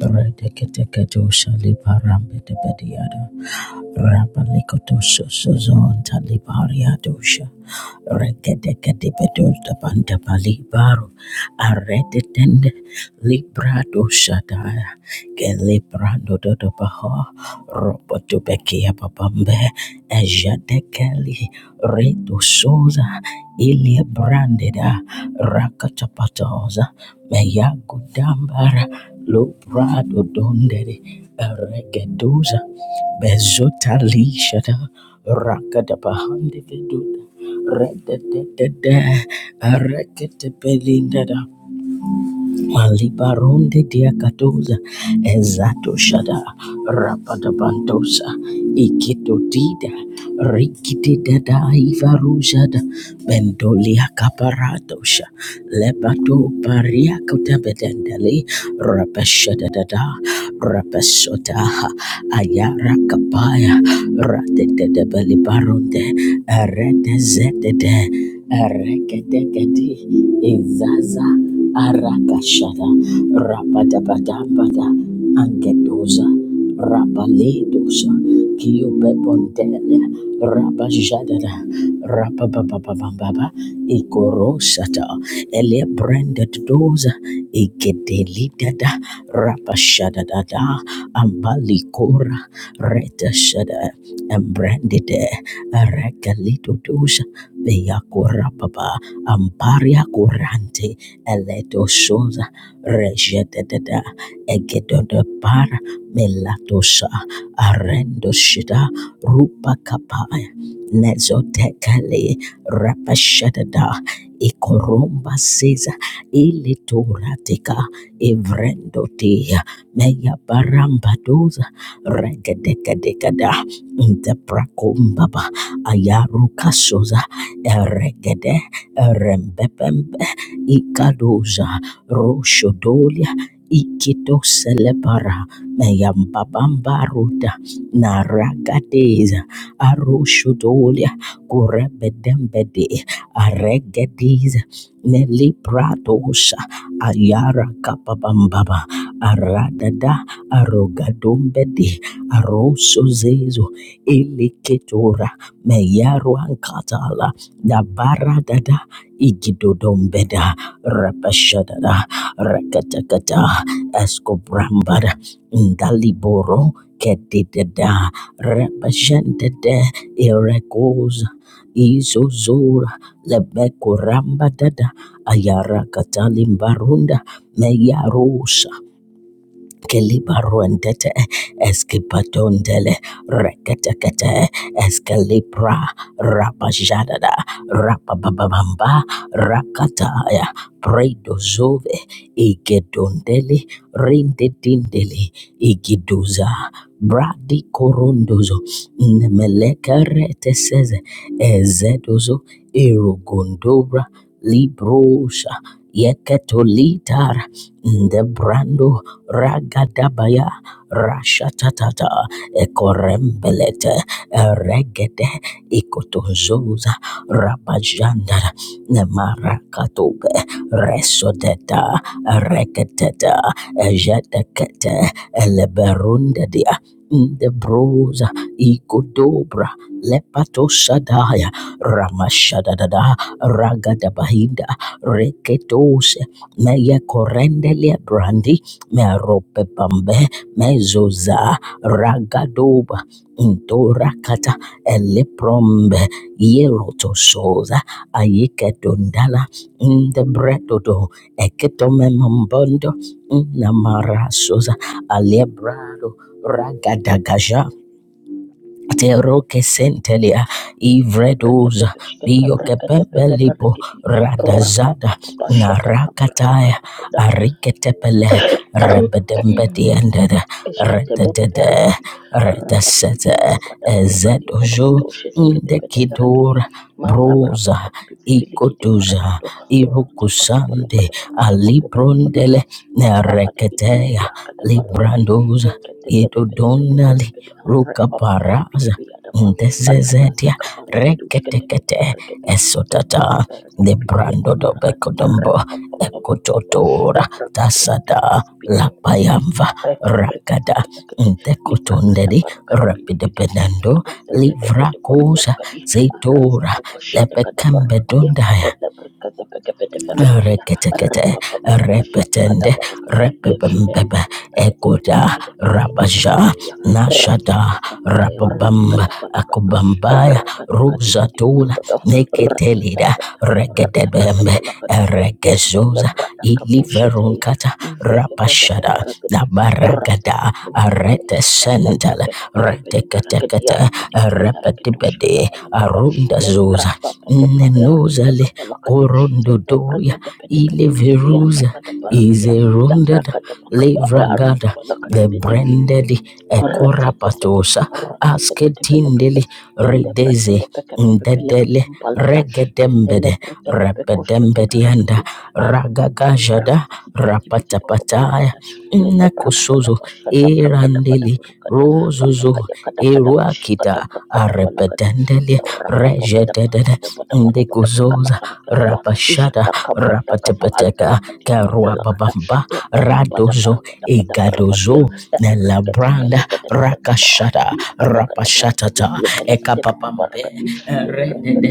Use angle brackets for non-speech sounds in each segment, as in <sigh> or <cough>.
Redeketeketosha liparambedebediada. Rabalikotososozonta libariadosha. Rekedekedibedota bandabalibaru. Aredetende libradoshataya. Dododobaha Robotubekia Babambe Ejadekeli Reto Souza Ilia Brandida Rakatapatoza Meyagudambara Lubrado Dondere Eregeduza Bezota Lishada Rakadabahande Veduda Rededede Erekete Belindada Malibaronde diakatoza ezato shada rapadabandosa ikito dida Rikiti dada iva rujada bendolia caparadosha lebato paria cota bedendele rapesha dada rapesota ayara kapaya ratete de belibaronde arete zete de arekete kedi izaza arakashada rapadabadabada angedoza Rapaledos, Kiobebondele, Rabajadada, Rabababababa, Ikorosata, Ele branded doza, Igedelidada, Rapashadada, Ambalikora, Reta Shada, and branded Regalito dos, Veyakorapaba, Amparia Corante, Eleto Sosa, Rejadada, Egedodapara melatosha arendoshida rupakapaya nezotekele rapashadada ikoromba seza ilitorateka evrendotea meyabarambadoza regedekadekada nteprakombaba ayarukasoza eregede erembebembe ikadoza roshodolia ikitoselebara Yambabambaruda Narakadeza Arushudolia Kurebedembede Aregediza Nelipradosha Ayara Kapabambaba Aradada Arogadombede Arosozezo Iliketora Meyaruankatala Dabaradada Igidodombeda Rapashadada Rakatakata Escobramba Ngaliboro Kedida Rabashendede Irekoza Izozora Lebekuramba Dada Ayara Katalimbarunda Meyarosha Kelibaruendete Eskipadondele Reketekete Eskelibra Rabajadada Rapababamba Rakataya Predozove Igedondeli Rindedindeli Igiduza Bradi Korundozo Nemelekarete Seze Ezedozo Irugondobra Librosha Yeketolitara Ndebrando ragadabaya rashatatata ekorembelete regede ikotozoza rabajandara nemarakatobe resodeta reketeta ejedekete eleberundedia ndebroza ikodobra lepatosadaya ramashadadada ragadabahinda reketose meyekorendele brandi merope bambe mezoza ragadoba ndorakata eleprombe yerotosoza ayikedondala ndebredodo eketome mambondo namara namarasoza alebrado ragadagaja Teroke sentelia ivredoza Brekete-beskete, brekete-bede, biokepembelipo bereketi, radazada rapapapapa, shata kambrata narakataya kanakada. ariketepele rebedembediendede Eshketebede rededede berekedi, rapati piti redesete parapata palakati ezedozo porakato shetekede bede berekedi, ndekidora manda brapa broza pati pipi bilikidi ikotoza parakato, ratokata irokusande balakata, ratokata bambalada, alibrondele mamba pati piti piti nereketeya akata parakadi, librandoza ekete bede bede bede bede idodonali bede, arepa pati piti Rukaparaza piti adapa, alabrata Ndezezedia kaparakatu shkete bede Reketekete berekedi, bentele Esotata de berekedi piti ada brando do parakata, Bekodombo arepa papa papa, Ekototora arepa pati piti Tasada piti piti Lapayamva Rakata Ragada Ntekotondedi Rapidabenando Livrakosa Zetora Lepekambedondaya Reketekete, repetende, repebembebe, ekoda, rabaja, nashada, rababamba, akubambaya, ruzatula, neketelida, regedebembe, Mendele eregezoza, brada kabushete ya. iliverunkata, Ive veve vene rapashada, nabaragada, Ratakatsuntelede, aretesendele, Lebrekedebekebede, Kata Berekediaraka, Rapatibade Dibinifereketushkata Balakaba, Arunda lembra Zoza papa papa Nenozale Ratakatuntelede, Lebrekedebekebedeberekediarakadibiliferekedushkatabalakaba, Korondodoya Lebrapapapapayarundakabalakadi, Ileveruza is a Lebrekedepedepedibidibiyandapadabarakada, rounded Levragada the Labrakadabakabayarukabalakadibidi, Lebrendeli Ekorapatosa Asketindeli Redeze Ndedele Regedembede Rapedembedianda Ragagajada Rapatapataya Nakusozo erandele rozozo eruakita arepedendele rejedede ndekuzoza rapashada Jataka bertaka faanda rapatepeteka lakadiki adalah kata karuababamba dan berapa pada para radozo pada pada para pada egadozo dia nelabranda rakashada rapashatata ekapapambe redede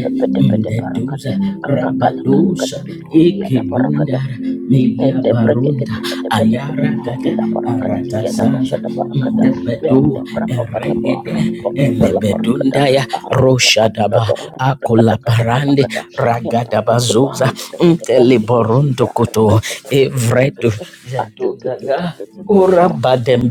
ndeduza rabadosa ekelundara Ende brekete neliabarunda bekete ayara beleketi gada ila barakati arata kia da saza basha da barakata intebedu ende brapa pata eregede bara pampa pala barakata elebedundaya arota kapola roshadaba dor kata kata pala akolaparande kata kia prati kia ragadabazuza bahan de lekete berekete inteliborundo dari koto kete kete kete evredu kete atu tu tu zeduzaga tu tu tu tu Ura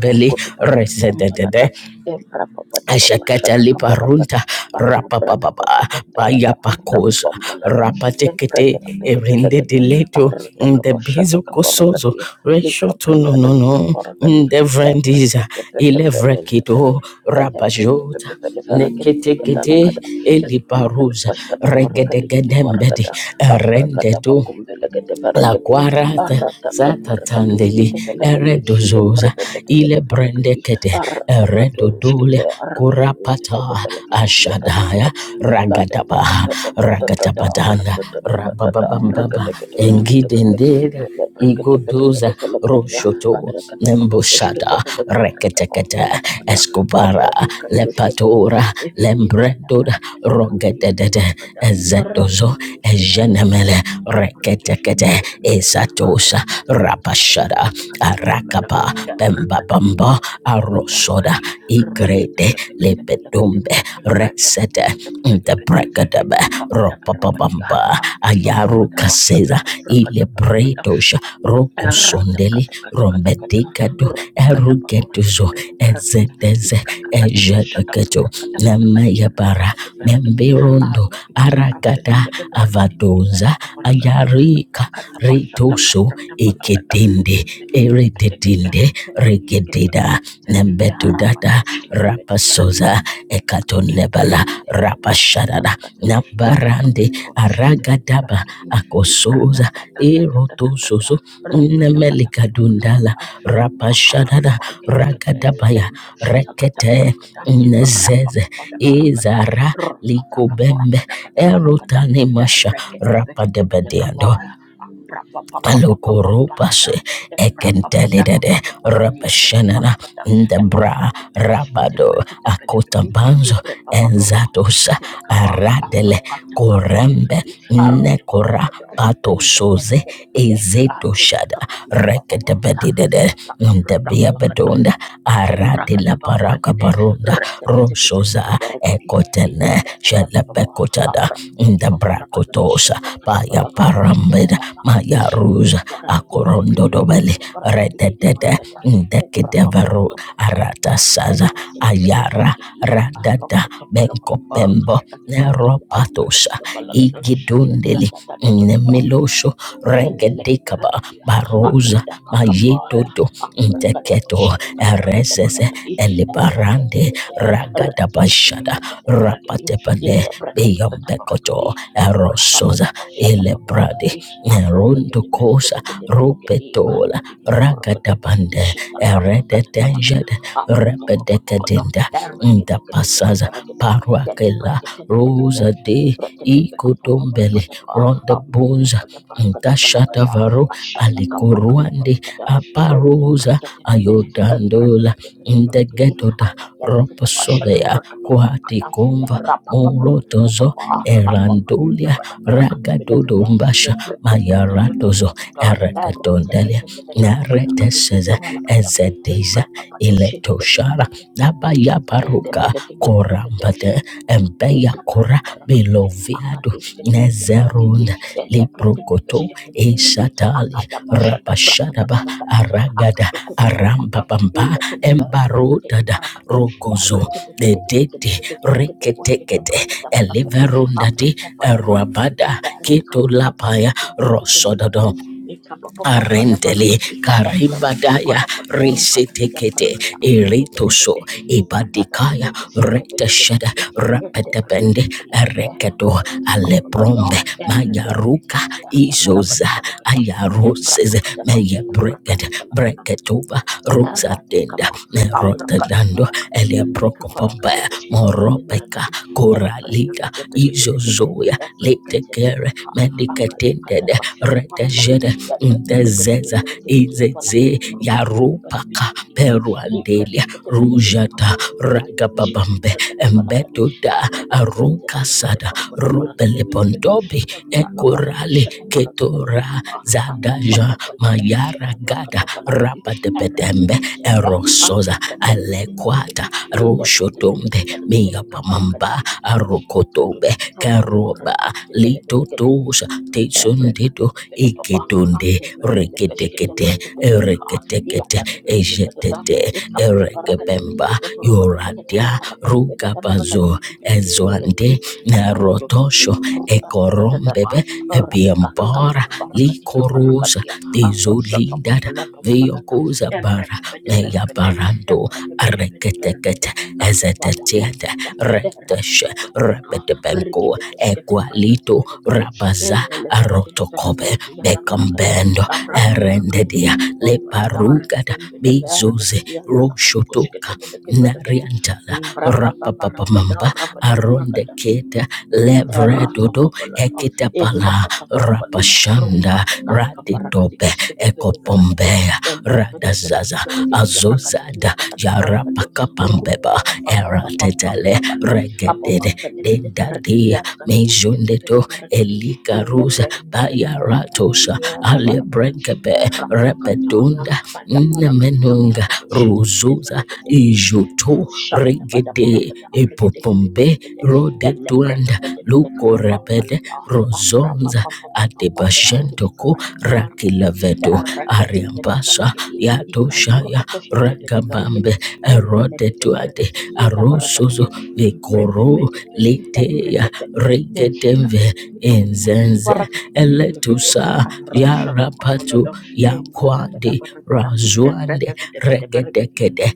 kur kur kutu papa pampa resedede lata embra papa ti papa Ashakata shata liparunta kabarakata ala brata paka pampa lata arota pakosa. pampa Rapa lata embra rapatekete kete erinde kete dileto Arataka the bizo Pashataka kosozo Barakadi, Lika reshoto no no Brakata Puka no Barakadi, the vrendiza Ebrakete Pekepedendelede, ilevrekito Elebrende rapajota Pepeleferakati neketekete Kiatalakada, El Barakada eliparuza Pashkata Barakati Kiti regedegedembedi Barakada, Abrakata erendeto Pakumbelekete La Verakadi, guarata Arataka sata tandeli Barakatushkete Velakadi, eredozosa Imbrebebete ile Barakadi, brendekete Arataka eredodole Tushkete Arakatu kurapata Velakadi Kiata ashadaya Barakadi. Arra ragadaba ragadabadana rabababamba engidendera Iguduza Roshoto Nembushada Reketekete Escobara Lepatora Lembredoda Rogedede Ezedozo Egenemele Reketekete Esatosa Rapashada Arakaba bamba Bamba Arosoda Igrede Lepedumbe Resete the Bregadebe Ropapabamba Ayaru kaseza, ile Ilebredosha Roko Sondeli Rombedicado Erugetuzo Ezeteze Ejedeketo Nemayabara Memberondo Aragada Avadonza Ayarika Ritoso Ekedinde Erededinde Regedida nembetu dada, Kata rapasoza ekatonebala Imbrekete, rapashadada ratatatakata, nambarande elekabatakorushketepete aragadaba bereketi, akosoza ibratatatatatatata, erotosozo nemelikadundala rakatakatakatabalakada, rapashadada embrakakakupalkelekete, ragadabaya rekete embrashatakatabalakada, nezeze rapapapadabarakada, izara likobembe rakakakakurakadakadabalakada, erotanemasha rapadebedeando ereketebeketebelekabaya, Alukurubas ambrapapapapapapambalada, ekentelidede rabashanana embrapapadapakapapapadiadadabarakada, ndebra rabado elebreketebeshketebreketebelekedi, akutambanzo Ipre papa enzatos borokotushketele kaba aradele arakata korembe kaparagadi aruta nekora kapanada pato embre soze kadetele bede ezeto aruta shada kapati baba baba rekete bedide ezetoshada rekedebedidede shata kabra ndebiabedonda yang beragam aradila dapat kurekede, parakabaronda resep kece kece rosoza benda beragadi, ekote ini Tene terapati papah, Shelepekotada apa, apa di papar apa di Indabrakotosa seberapa dapat Paya balagan, ya, Parambeda bahkan Maya dosa, ada ada ada Ruza benda beragadi, benda Akorondo beragadi, Dobeli ada beragadi, benda Rededede beragadi, apa, apa apa Indekideveru apa bangkalan apa, Arata yang Saza beragam dapat Ayara beragadi, ah, rokok Radada tak boleh, rokok Benkopembo tak boleh, rokok tak Neropatosa boleh balagan, yang Igidundeli beragam dapat Nemilosho Regedikaba Endelekbarakadia, Barosa akadabakabaya, Mayetoto keto Eresese akbrakadabashadakabrakadabarakadi, Elibarande ereketekete, Ragadabashada ereketeketebetebrakadi, rapatepale ilebreketeketabarakadi, beyambekoto erosoza ilebradi ambrapapatebashadakabarakadi, nerundukosa ambrepebetebetebetebetebelekedi, rupetola karakadikidebarakada, ragadabande ishatakabrakadabalakada, eredetengede abrakakakakakada, repedekadinda ndapasaza ereketeketebetebrakadi, paruakela telebreketebelekebe, rosa de ikotombele ibreketebekepapapapadaba, Berapa rondebunza ntashatavaro alikoruande aparosa ayodandola ndegetoda roposobea kuhatikumva murotozo erandulia ragadodombasha mayaratozo ereketondelia nareteseza ezediza iletoshara Nabaya Baruka Korambade Embeya Kora Ikatanda barakati, Beloviado akadush ketebede barakati, Nezerund ele breketebes Librokoto ketebede kati, Eshatali akada bashada brakada Rabashadaba barakati, Aragada akado kodo aramba borokodo, Arambabamba ile kete barakete bakete Embarodada barakati, ya Rogozo rakete kete kete kete Dedete kete kete kete bosh kete eliverunda brakada barakati, abra Eliverundade papa da barakati, Eruabada ya Keto rakata kaposh Lapaya kete brekete Rosododo belekete, ikaba papa pada Arendele barakati, ya karibadaya brakokolo kodo rukata kada risetekete barakada, arete kete iritoso kete, ikata da ibadikaya toto sekete kete retashada kete berapa rapetepende erekedo aleprombe mayaruka izoza pada pada kata berapa ayaroses meye breket pada pada breketova rosatenda Ratakaba, merotadando Abracatabalacata, Nicavaraca, eleprokopombe the Bushkete, the moropeka Veracate, Embretta, the koralida Debede, izozoya letekere Africatebeleca, Akayakata, melikatendede Bashada Maraca, each retashada Ndezeza Thank izeze balakani yarupaka peruandelia rujata ragababambe embeduda and Rekate, the Peleke, the arukasada Paruko, the Baraka, the Bedebede, rubelepondobi Embraka, the ekurali Bashada Baraka, the ketura Belekaba, Papa, zadaja the Bashada mayaragada Bracata Balakani. rapatepedembe Aratekechea, erosoza andabrakadebedebarakadi, alekwata rushotombe miyapamamba ilebrakadabedebarakadabedebarakadibidigini, arukotobe karoba ikadododoborokodokorakadibidiberebedekedekede, litotosa Papa, tesondedo igidunde reketekete ereketekete ejetete erekebemba yoradia rugabazo ezwande narotosho ekorombebe ebiambara likorosa dizolindada viokoza bara meyabarando areketekete ezetetiete reteshe rebedebenko egwalito Rikete rabaza Nendele berekede ferekede arotokobe ki yanda barakada. bekambendo Abraba barakadi ki erendedia boku bambala da arete leparugada bembele berekede bezoze ki yanda nakadu kushkete roshotoka beleke berekede. nariantala Braba babarabada rapapapamamba rabada barakada. arondeketa levredodo Erotokobolodo, ekitapala Improcotobolocodi, Ruka rapashanda raditope Calacabaracadicus, Ketabaracade, ekopombea and radazaza Brepetabaracadi, Racadiki, azozada Lacadabaracado, Rupa yarapakapambeba papa Erotokoboloto, eratetele Evrokotobolokodi, Rukakakalakabarakadi, Kisketebedebelekede, Embrepepetepeteberekedi, Yakakadiki, Yalakadabarakado, Rupapapapapapapapala, regedede Apapampelepeteberekedi, dedadia mezondeto Yarakadukushketebedeberekedi, elika ruza Melebrendebedeberekedi, bayaratosa Yandabarakada, alebrenkebe Eratakataya, repedunda nemenunga ruzuza Kadabarakadikabarakadoshetebedeberekede ijuto usaha benda benda berapa regede benda orang ke dekat dekat benda epopombe benda ya lebret rodetuanda benda benda kerba lukorebede pamalat ya ambra pam rozonza pam pam pam ya rusak adebashentoko adik ibar padi rakilavedo lekreket benda ariambasa keretik kavur yatoshaya untuk kos ketebenda ragabambe keretik endle benda erodetuade keretik iya tambah arosozo keretik ibre benda ekoro benda letea embreket benda regetemve kakakku untuk untuk untuk enzenze barang keretik di belakang deh eletusa arus shot yarapatu kompolado embra benda benda yakwande berapa benda embra razwande benda benda berapa regetekede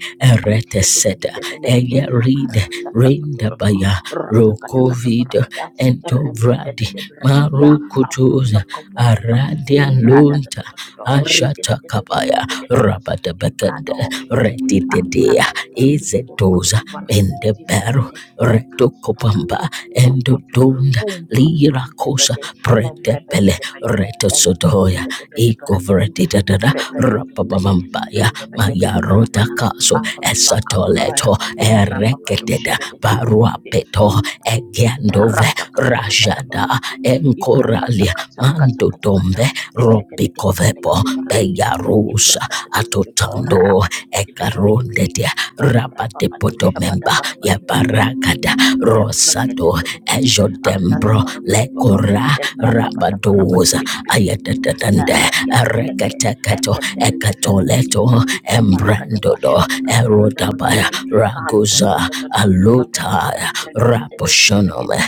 Shekete ereteseta eyeri Vid, Ratatatatatata, ro COVID Ratakatakatabrakada, Entovradi, Rembedebedebrekedia, Marukutuza, Aprotokopoloda, Aradian Lunta, Imbradadadadadada, Ashatakabaya, Ridebedebedebedebede, Rabatabakanda, Imbradoshkete, Retitidea, Izetoza, Mendebaro, Ambrakadabarukutukurukutukubarakadibidifikede, Retokopamba, Kakakikakaku, Urukutu, Endodonda, Lirakosa, Umbampambebede, Pretepele, Embrebebedebede, reto sodoya Elebrendebedebedebrekedi, ikoveretitata Ibrebebedebede, rapapamambaya mayarota Mendebedebedebarapada, kaso Arabakabaya, esatoleto Imbrakabadoshia, ereketeda Bedebedebedebede, baruapeto egendove rajada Ratakatakabadabarakati, enkoralia Ibrakatakatakatakatakata, mandotombe ropikovepo Ketekeketebeleketebelekete, beyarusa Ibrakatakatakata, atotando Rapapapadibidibidibi, ekarondetia rapatepotomemba Kembrapapabadoshabadabarabadi, yaparakada Embrakete rosato belekede andala ejodembro barapati baba lekora embrapa pada barapati rabadoza piti piti piti ayatatande erekete kete erekatekato ekete bete fereketi ekatoleto ika parakada embrandodo bashata kabrakada erodabaya balakadi kanto ragoza lodo dodo lodo alota embrepe bete bete raposhonome ferekete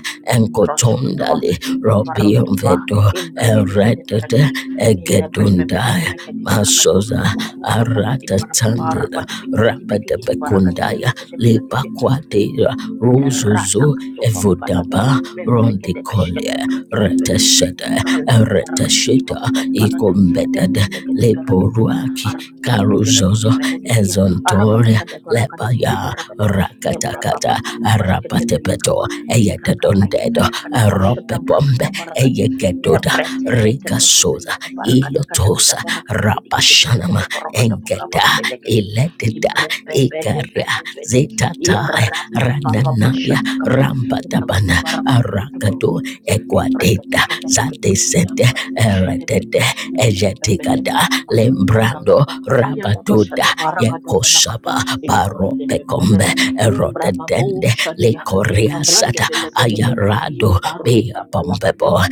embroskoto enkotondali ika Robion varondo ba Vedo, embrekete bete Eredete, fereketi elebrepe bete Egedundaya, fereketi barakado masosa rupa papa di Arata para papa Tandida, pati piti piti piti Rabada kiti barakadi Bekundaya, anakete Lipa Quadira, Rata Ruzuzu, katuba mpalada Evodaba, membrekete Rondicolia, beshkete brekete belekete Retasheda, kanta la baraka diki Eretashida, papa pampalada nende ikombedede lekete berekete ya leporuaki araka diki di karuzozo berekete felekete ya araka ezontoria daka da kada baraka diki di lepaya kidi baraka do ebra rakatakata papa tuku bashkete arapatepeto belekaba ika kaka ya eyededondedo kada kada bashkete aropepombe brekete baraka di ya eyegedoda brete kete kete rikasoza beleke baraka daka daka ilotosa da kada kada baraka diki diki di rapashanama belekete baraka da buka engeda pambelekete ilededa ibre pepe de ikaria pede pedi zitataya Yarabababa rananaya shatakapa. Rampatabana Arakado Ikabadabarabatututuburukutu. Equadeta Kepreketekeveleke. Satesete Yambrabishetepete. Eretete Yambrabebelebe. Ejetikada Lembrando Apantakababa. Rabatuda Ayadabashadabarakadabalakada. Yekosaba Baropecombe Ikoradebebelede. Nimbrababu Erotedende shadia. Lecoriasata Ikavrandebelegedeberegedi. Ayarado Bea Arutabalakada. bombebo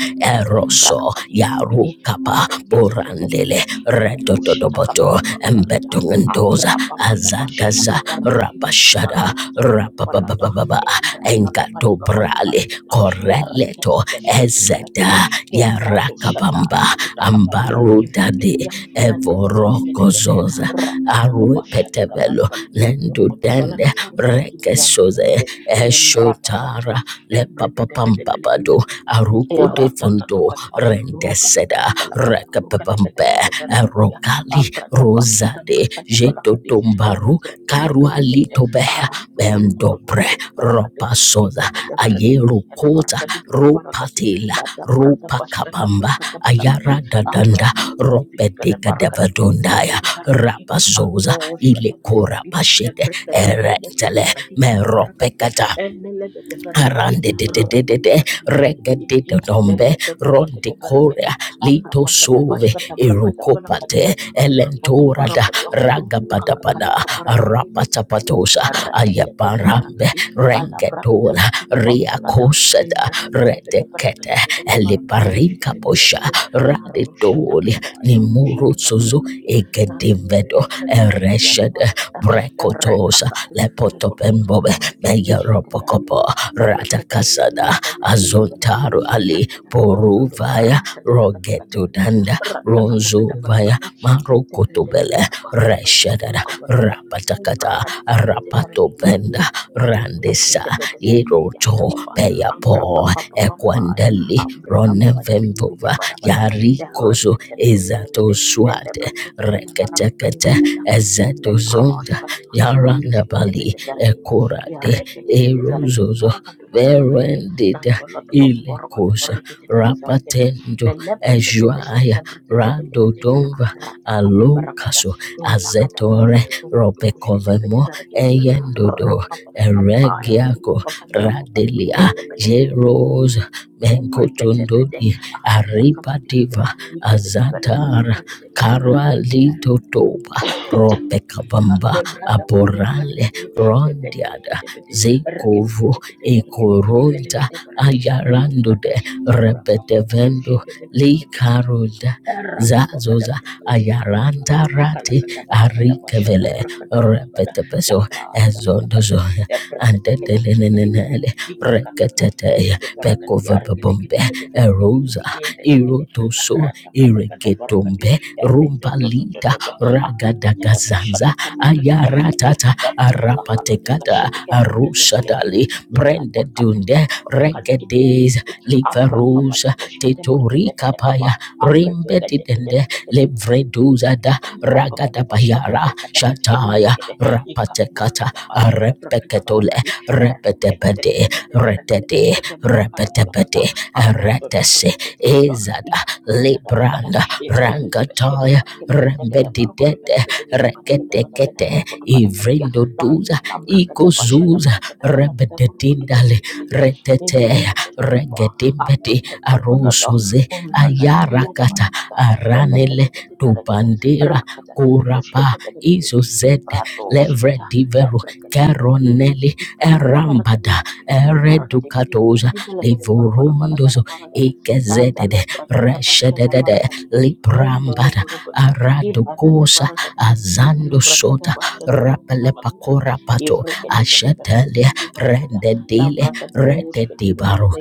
Embrapa eroso pati piti yaru piti kapa aprekete burandele fekete ya doshita retotodoboto kababa bandalada embetungendoza ambrapa pata bashita azagaza kabarakadi ya rapashada rota kopalada rapababababa embrapa pati enkato papa brale bandalada ya koreleto rekete beshkete ezeda berekedi ya brado shata yarakabamba ya ruta kabalakadi ambarudade kiverekedi ya nandela kete kete kete evorokozoza rapa papa bashita arupetevelo kabarakadi kiti rokoto lendudende balaka farkadi kiti yandele rekesoze kete membrapa eshotara papa membre kete pete pele lepapapampapado Ya arukude rata fundo tata kata ruka tata rendeseda kata pala kata ruka tata rekapepampe kata rata Eratatatakata, rukatakatapalakata, rukatekatepeteperaketia, rokali rozade apratabashatambrakatapalakati, jetotombaru embreketeketekete, karualitobeha bendobre arutukurukutukurukutupalakati, ropasoda ayerokota ikepelevereketikiyatabarakatidukuparakati, ropatela ropakabamba latapratabashkatabrakatabalakati, ayaradadanda aprapapapatipitipereparakati, ropedekadevadondaya eleketepekefereketi, rapasoza abroshkatabarakati, ilekorapashede erentele embreketepelekarakati, kitiparakati, meropekata Arande de de de de de regede enelepetefereketi, de dombe ronde korea Deletetetetetetetetete. lito sove irukopate Aprapapadabashkatabrakatabrakadiya. elentora da Aprapapaparakado. ragabada pada Rukakakakakabarakadiya. arapata Rakata patosa ayaparambe rengedola ria kosada redekete eliparinka posha radidoli nimuru suzu egedimvedo ereshede Brekotosha, Lepotopembobe, Meyaropokopo, Ratakasada, Azontaru Ali, Poruvaya, Rogedudanda, Ronzuvaya, Marukutubele, Reshadada, Umrah Rapatakata, Kak, di Cilibiu, desa Regaji. Ya, Rapatobenda, Randesa, Eşketebede bereketi yanda Iroto, baba. Amra Peyapo, papa bambaya. Equandeli, Amre papa badi bidi Ronevemvova, yapara barabada. De Yarikozo, rekete bede berekete. Ele Ezatoswate, brekete bele faraka reketekete brindalada. Ele ezedozonda broşkata. Kanduş gite yarandabali bede bereketi. Ya ekorade rekete bede bereketi erozozo barakatı verendida Nandolo da baba barakatı. ilekosa Rekete bede berekete. rapatendo Bele brekete ejuaya peşkete brekete belekete. radodonva Arra pakada barakada. alokaso Illa kada azetore barakatı. Kurkudu puşkete bede ropekovemo eyendodo Rapapapapampaya, eregiako radelia ripapapampapapadibiyendepelekede, jerosa tembreketebede, menkotondodi arotakapodikiya, aripativa likebedeberekedia, azatara Karwa reketebedeberekedi, Lido Doba Ropeka Bamba Aborale kandebrandapakurakadikidiya, Rondiada tebetebetebede, Zekovo reketeketebedeberekedikidi, Ekoronda Ayarando felekedeberekedepelekurakada, de Repetevendo Li tembrapapapadushebedebelekede, Karoda Zazoza Rapapapadabrakadi, Ayaranda Rati Arikevele Akakukakalakadabarakadabashadabrakatabalapada, Repetepeso Labranzabalakada, Ezondozo Ebrakadekedekedekedekede, Antetelenenele Reketete Mikakakarakadekede barakadi, Pekovebombe Erosa Arakedekedepedekedekedekede, Irotoso Lakratakatakatabrakadi, Ireketombe rumbalita Etetetetetetete, ragadagazanza Akatakadabashadakabrakatabalakadi, ayaratata arapatekata arushadali Ebrakakakadakashadakabrakatabalakadi, brende dunde, regedes Ekatakatakabababakalikedekedekede, liverusa Abrapapadibosketebrakatabelakaba, tetorikapaya I pray for rimbedidende that. levreduzada Rabba da başka da ragadabayara bırka da kadı kadı shataya kadı kadı. İkak rapatekata buraka da başka da bırka da bala arepeketole kadı. Erre teke teke repetebede teke de bereke de retede beşke de bıraka da bala kadı. repetebede Antı tı tı tı retese tı tı tı tı. ezada İkak kadı kadı kadı. libranda İbreke de beşke de rangataya bereke rembedidede bede bede de bereke de bereke rekedekete Ya dan da ivrendoduza la bırka da başka da ikozuza bala kadı bala kadı bede rebededindale bede de. reteteya bede kaba. Abra regedimbedi kaçı bala da. arosoze Umra ya ayarakata aranele dubandera rakatakato kurapa boshkete belebele izozede ibrado boshkata levredivero ebrekete belekede keroneli ikarada barakade erambada biti biti gede barakade biti biti eredukatoza gede belekede barokado balakada livorundozo barakada ikezedede nandala brakada bashada barakade mendolo librambada borokodo ibrakada aradokosa barakada azando ikabrakada sota bashada barakada barakade rapelepakora pato ibrakade bede berekede ashetele gede barakada rendedile labrakado boshkete rededibaro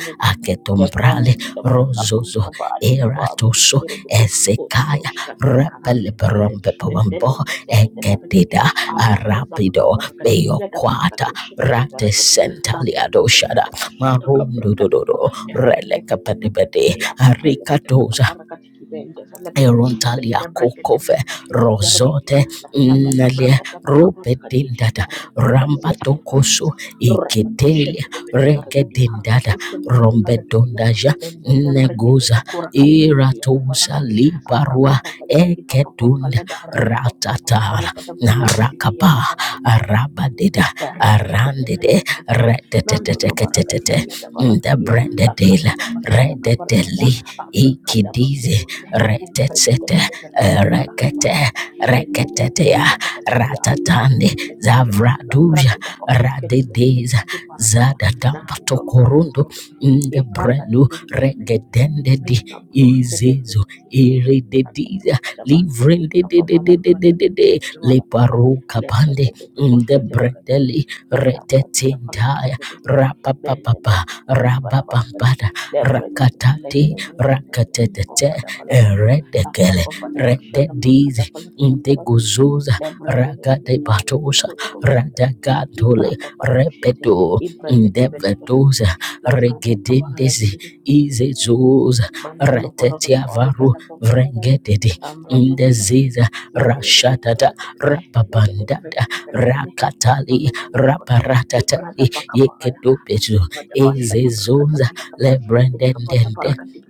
Debrando aketombrale Shkaba Kabru rozozo Kaba Ali Kaba Abu eratoso Kutikero Kutu Kutika ezekaya Ushkati Kana Idelekede and then repeleperompepombo Lemrete Benefarakati ekedida Allah Brazaba arapido Kabarakati Kia da beyokwata Barakato Shepe de Verakati Nanda ratesentaliadoshada Abrakataba Shata Kabrakataba marundudododo Yakrekete relekapedibede Ayata Ayakata arikatoza Kabakarakati Kita and Developete Erontalia kokove Mendebrekete Kushkete Verakati rozote Nanda nele Dabrakataba Kabarakati rupedindada rambadokoso Rakatosha iketelia bede bede barakadia, regedindada rakatosha bede bede barakadia, rombedondaja bende bede barakade negoza bede kurakanti dia da iratosa barakadi, apa liparua apa apa jadi di papa ekedunda pampala da harap apa apa la para ratatala pada papa di dia narakaba da arabadida Errete arandede ketebete parakedi. Nando lo barakadi retetetetetetete kia da the barakadia. Akara brandedela da bashada kabarakada. rededeli Abrakada ikidize bakurunde. Embrekete retetsete bete parakedi ala rekete kabarakada. Endele bete reketetea bete parakedi. Arakete bete ratatande parakedi. ya. zavraduja Labrakada bakushkete parakedi radedeza kiti parakada. Nando lo kodo zadatambatokorundu kodo. kodo. Ibrakati ndebrelu bidi kiti bidi kiti. Bika regedendedi broshkete izezo iridediza livrindededededede parakedi. leparukapande लेब्रेटेड वे कोशिकात्मक रूप ndebredeli से इव्लाप्लांट तथा फलक से retetintaya बने हुए में rapapapapa लेबु उल्लावा लाभ रूप से rababambada लेब्रेटेड वे लेकिन rakatati वे निर्मित rakatetete कोपड़ा बनाती हैं अपरा redekele पोपड़ा भस्कर अपरा rededizi कटापल रूप से integuzuza लेब्रेटेड वे लेकिन वे ragadebatosa लोगों को बनाते हैं इम्प्रा radagadole पोपड़ा दूषित हैं rebedo इम्प्रेटेड वे दो indevedoza रूप regedendezi से � izezuza Mandolo Horokot retetiavaru Orikata Pokolagan, vrengedede Ambra Pokolagan, indeziza Menegative rashatata Paragon, a negative rababandada Ricky Pelican, rakatali Mandolo Horokot, rabaratata Ibrata Pakabaya, yekedopezu Abra Basha, Brakata ezezunza Palakata, Ikapata lebrendendende Parakati,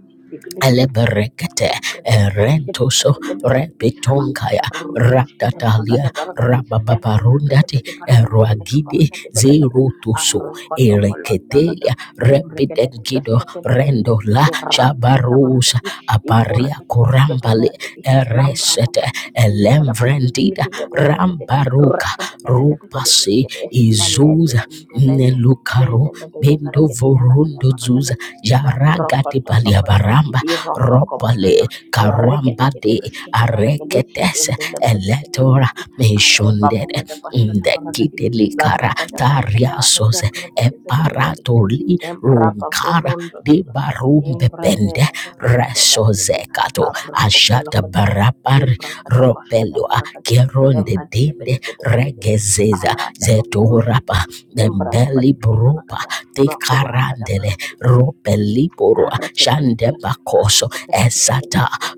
Aleberekete temper ke temper ke temper erentoso ke temper ke temper ke di, agak repitonkaya ada baru kemusik temper agak ratatalia ada baru kadir, ember ke ember ke rabababarundati ember ke baru kuku berenka baru eruagidi kadir adalah ada, zerutuso arrokoto bolon adalah ereketelia ember ke temper ke rebidengido sembuh ke dalam diri, rendola ramah di kamar shabarusa kadir, ikur aparia ke temper ke temper kurambale ke di lampu eresete popot di di di ada pada elemvrendida terliliti ada pada ke de, rambaruka rata ke de ke de ke de ke de rupasi ke de, led izuza besin terled men nelukaru de led ke de baru ke di ala ke de baru kada, bendovorundozuza jaragati rambrokoto lokoto. baliabaramba ropale Irotokobonodok, karuambade Erekedekede-beshetabarakedi, areketes eletora Endelebrekedebelegedi, meshundere Arepapobadabashatabarakadi, ndekitelikara Labrakadabarakada, tariasos Alekebrekedebedebelegede, eparatoli runkara Embrababorondolodo, dibarumbebende Embrekedebelegedi, resozekato ashata Abrokofolokodo, barapari ropelua Embrakadabashatabarakadi, keronde dinde Embrekedebedebedebelegede, regezeza zetorapa Aratapaporushkite, dembeli brupa Embrapapadibidibelakada, tekarandele Makurakadabarakadi, Ratchet ropeliborua ratchet ratchet shandebakos ratchet ratchet di dalamnya Esata jadi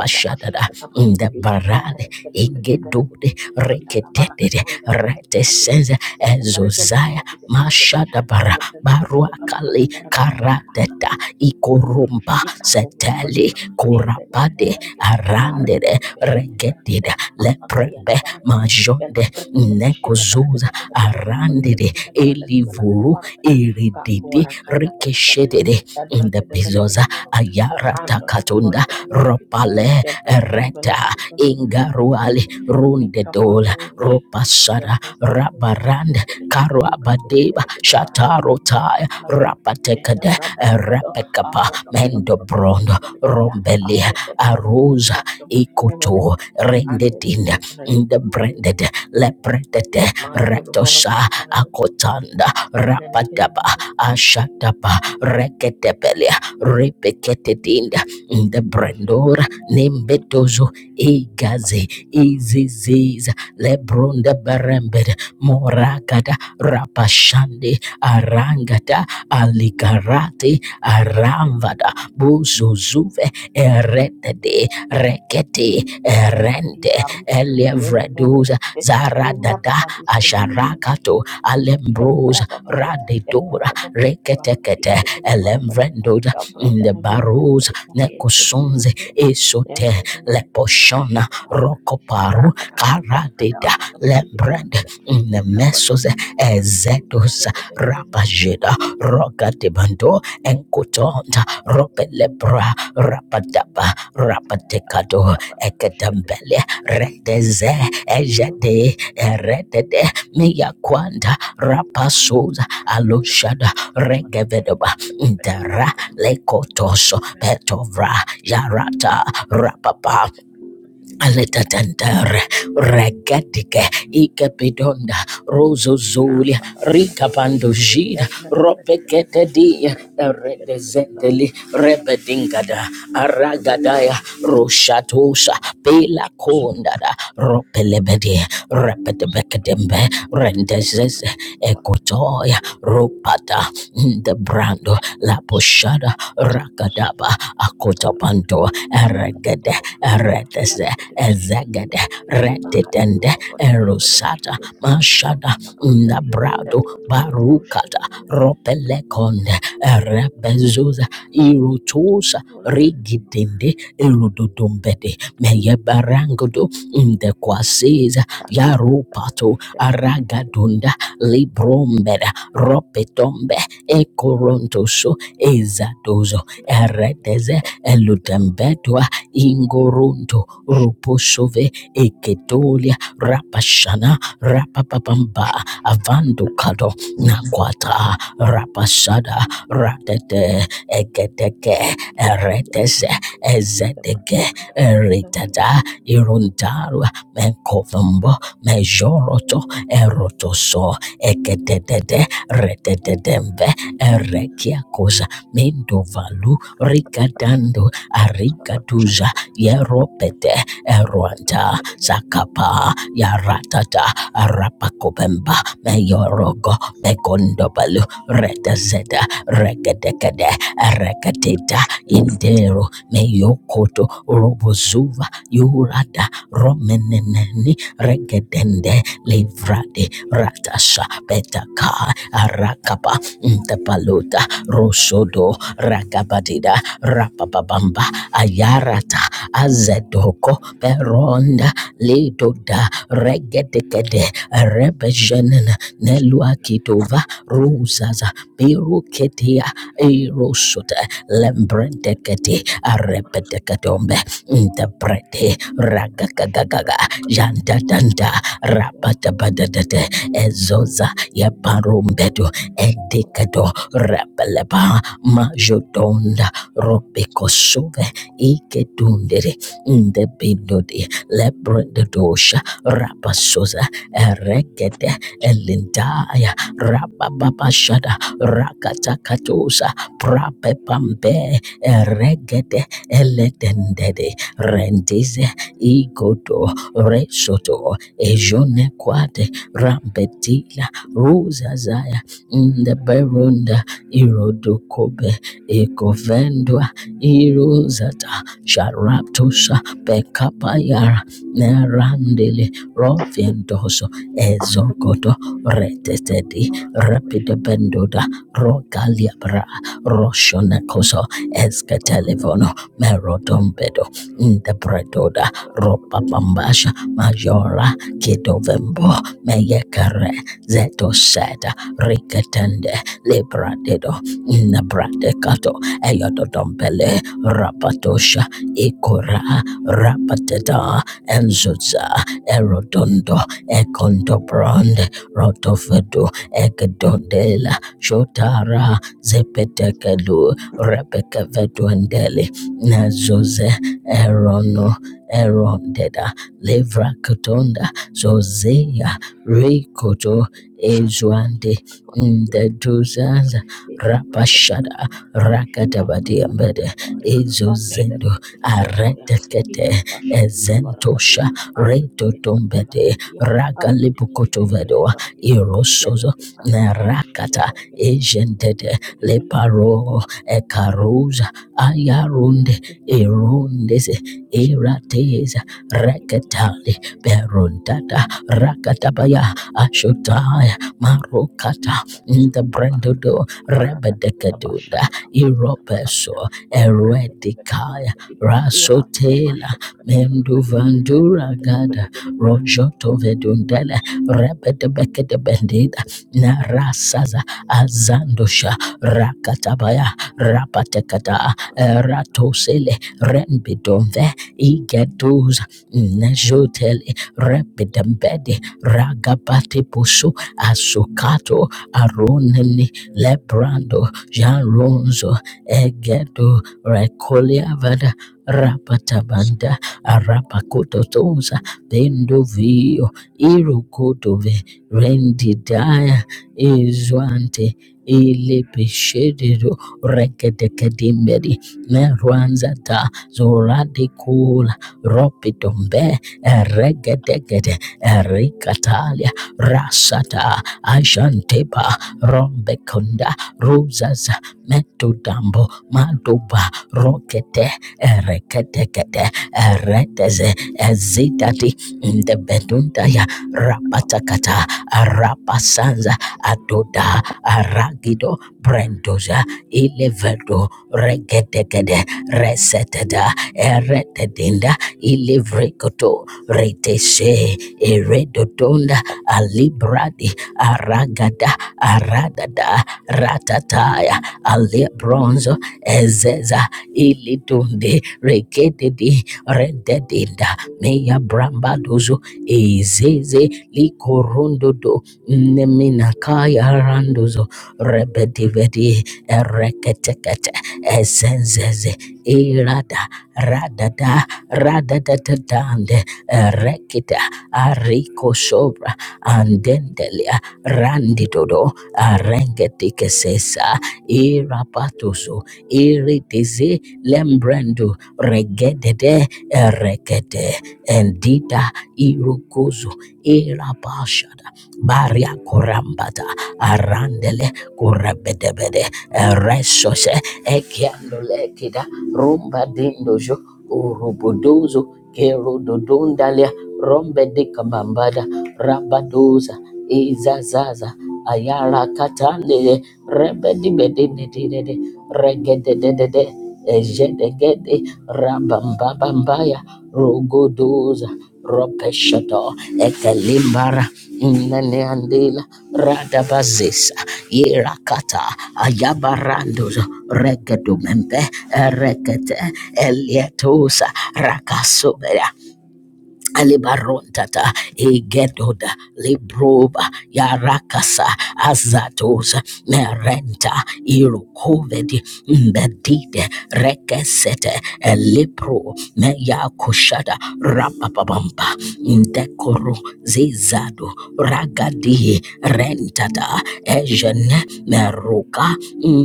ya dapat seperti sabar in the tadi barade ratchet ember ember tadi igedude alhamdulillah barang rekedede itu udah lepas dari dalamnya retesenza lepas barangnya lepas barangnya ezozaya dari dalamnya barangnya jadi mashadabara aparatnya dari dalamnya barang pada baruakali barang jadi agak karateta agak cukup cukup ikorumba ikat punggung seteli belanda di ember embernya kurabade barang jadi arandede arketin besi ketimbang ada regedida agak agak yang leprebe barang jadi yang majonde pertama besi ketimbang ada nekozuza kedua besi arandede ketimbang ada barang ketiga lagi ada elivuru barang pada irididi kakurak ada pernah ada rikeshedede in the Abracada bezos belekede borokede. ayara Antolodo takatunda borokede belekede. ropale Yabrekede belekede reta ingaruali belekede. rundedola Likabarosh. ropasara Yabrekede rabarande belekede. Ibrekede karuabadeba belekede barakede kidiyanda shatarotaya balagada. Yella rapatekade brada dedo. repekapa Arota kodo borokede mendobrondo belekede ya. rombelia Abrekede belekede aruza borokede belekede ikoto belekede. Andele rendedinda belekede. indebrended lepretete Mandolo borokede retosa belekede. akotanda Melekede rapadaba belekede. ashataba reketebeli repekete dinda the Washede brandora nembetozo igaze belekede. iziziza lebronda barembede morakada rapashande arangata alikarate aramvada buzuzuve eretede rekete kandi erende baruda kandi yende nene elevreduza regede embra zaradada papa dushke de pete asharakato regede embra alembrosa berapa dia radedora regede pele kabara kandi reketekete gede gede bara gede elemvrendoza kabra in the gede bara barus ikna pele gede bara nekosonze gede esote embra gede gede gede shke leposhona de bara gede tadi rokoparu kata kata kata karadeda ara kata kiti bara lembrand gede in the ekra patu mesos gede embra se ezetos pele gede gede gede rapajeda rogatebando enkotonta ropelebra rapadaba kandi rapatekado kapatu kushke de eketambele pete regede redeze pete kata ejede eredede miyakwanda rapasoza kata aloshada kata kata kata regevedaba kita pada pada Indara pada pada lekotosho pada petovra yarata rapapa orang orang aletatendere regetike ikepidonda rozozolia orang rikapandojida orang orang ropeketedia pada usia dekat suara redezendeli ketiak akan dapat rebedingada bahkan aragadaya orang dia roshatosa pelakondada ropelebedi repetebekedembe dia akan rendezeze dapat kuat dia ekotoya ropata the brando la poshada rakadaba akotapanto eregede eretese bahkan bisa ezegede akan retitende diporong orang-orang pada erosata bisa apa-apa mashada pada orang the tadi dia brado akan dibos barukata ropelekonde erebezuza irotosa orang rigitende erododombede meyebarangodo ndekwasiza saat apa tadi yarupato dan aragadunda librombeda ropetombe ekorontoso ezatozo Thank you. ereteze Thank elutembetwa ingorunto roposove eketolia rapashana rapapapamba avandukado nakwata rapasada ratete eketeke ereteze ezedege eritada irundarwa menkovambo mejoroto erotoso ekededede retededembe erekia koza mendovalu rigadando arigaduza yeropete eruanta zakapa yaratata arapakobemba meyorogo megondobalu retazeda regedekede erekateta indero meyokoto robozuva yurada romeneneni regedende livrade ratasha betaka arakapa Ntapaluta, Roshodo, Rakabadida, Rapapabamba, Ayarata, Azedoko, Peronda, Lidoda, Regedekede, Rebejenena, Neluakitova, Ruzaza, Piruketia, Erosuta, Lembrendekete, Arepetekatombe, Ntaprete, Ragagagaga, Jandadanda, Rapatabadadate, Ezoza, Yaparumbedo, endicado rapalaba majodonda robekosuve ikedundere ndebinodi lebrendedosha rapasoza erekede elindaya rabababashada rakatakatosa prapepambe eregede eledendede rendize igodo resoto ejonekwate rambetila ruzazaya nde berunda irodokobe ekovendwa irozata sharaptosha bekapayara nerandele roviendoso ezogodo retetedi rapidobendoda rogaliabra roshonekoso eskatelevono merodombedo ndebredoda ropapambasha majora kidovembo meyekere zetoseta riketende lebradedo nabradecato eyododombele rapatosha ikora rapateda enzuza erodondo ekondobrande rotofedo ekedondela shotara zepetekelu repekeveduendele nazoze erono erondeda levrakotonda zozea rikoto ezuande you. in the dozas, Thank rapashada, rakatabadi ambede, ezozendo, aretekete, ezentosha, retotombede, ragalipukotovedo, irosozo, narakata, ejentede, leparo, ekaruza, ayarunde, erundese, erateza, reketali, berundata, rakatabaya, you. ashotaya, marokata, Thank in the brandodo rebedekadunda irobeso eredikaya rasotela mendu vandura gada rojoto vedundele rebedebekedebendida na rasaza azandosha rakatabaya rapatekada ratosele renbidonve igeduza nejotele rebedembede ragabate pusu asukato Aronini Lebrando Jaronzo Egedo Recolia Vada Rapatabanda Arapakototoza Bendovio Irukotove Rendidaya Izwante Ilepeshedero Rekedekedimberi Merwanzata Zoradikula Ropitombe Eregedegede Erikatalia Rasata Ashanteba, Rombekunda, Rosas, Metodambo, Madoba, Rokete, Ereketekete, Ereteze, Ezitati, Ndebedundaya, Rapatakata, Arapasanza, Adoda, Aragido, Brendoza, Ilevedo, Regetekede, Resetada, Eretedinda, Ilivrekoto, Reteshe, Eredodonda, Alibradi, aragada aradada ratataya alebronzo ezeza ilitunde rekededi rededinda meya brambadozo ezeze likorundodo neminakaya randozo rebedivedi ereketekete ezenzeze irada radada radadadadande erekita ariko sobra andendelia Randidodo Arengetikesesa Irapatusu Iritizi Lembrendu Regedede Erekete Endita irukuzu Elabashada Baria Korambata Arandele Korabedebede Resose ekiandole kida Rumba Dindojo Urubudozo Kero Dodondalia Rombe Dikabambada Rabadoza Izazaza Ayara Katandele Rebedibedinedede Regededede Ejedegede Rabambabambaya Rogodoza Ropeshado Ekelimbara Inneandela Radabazis Irakata Ayabarandos Regedumembe Erekete Elietusa Rakasubera Alibarontata, Egedoda, Libroba, Yarakasa, Azatos, Merenta, Irokovedi, Mbedide, Rekesete, Elipro, Meyakushada, Rapapabamba, Ndekoro, Zizado, Ragadi, Rentata, Ejen, meruka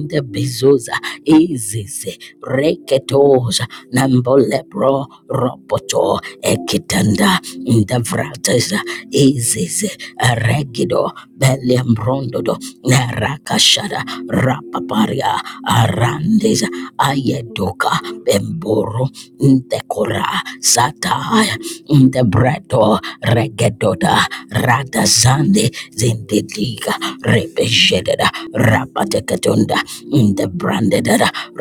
ndebezuza izize reketoja nambolebro ropoto ekitanda ndevrateza izize regido beliambrondodo nerakashada rapaparia arandeza ayedoka bemboro nde kora ra sata in the bredo regedota rata sande zindediga repeshedda rapatekatunda in the branded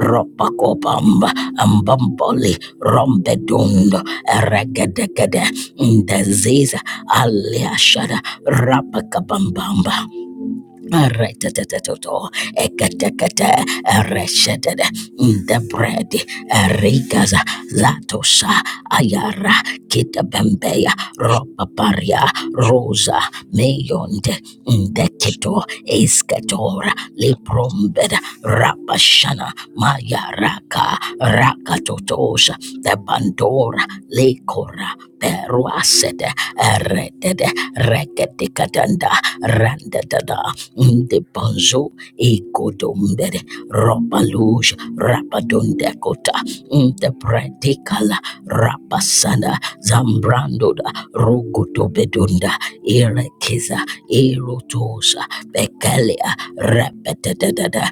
ropa copamba ambamboli rombedundo regedegede in the ziza aliashada rapakabambamba Arreteteteteto, eketekete, ereshetede, In the bread, erigaza, latosa, ayara, kitabembeya, ropaparia, rosa, meyonde, in the keto, esketora, liprombed, Rabashana Maya Raka Rakatotosha the Bandora Lekora Peruasede Eredede Reketikatanda Randadada De Bonzo Ekodombere Robaluj Rabadondekota the predicala rapasana zambrandoda rogotobedunda irekiza irotosa bekelia repetedada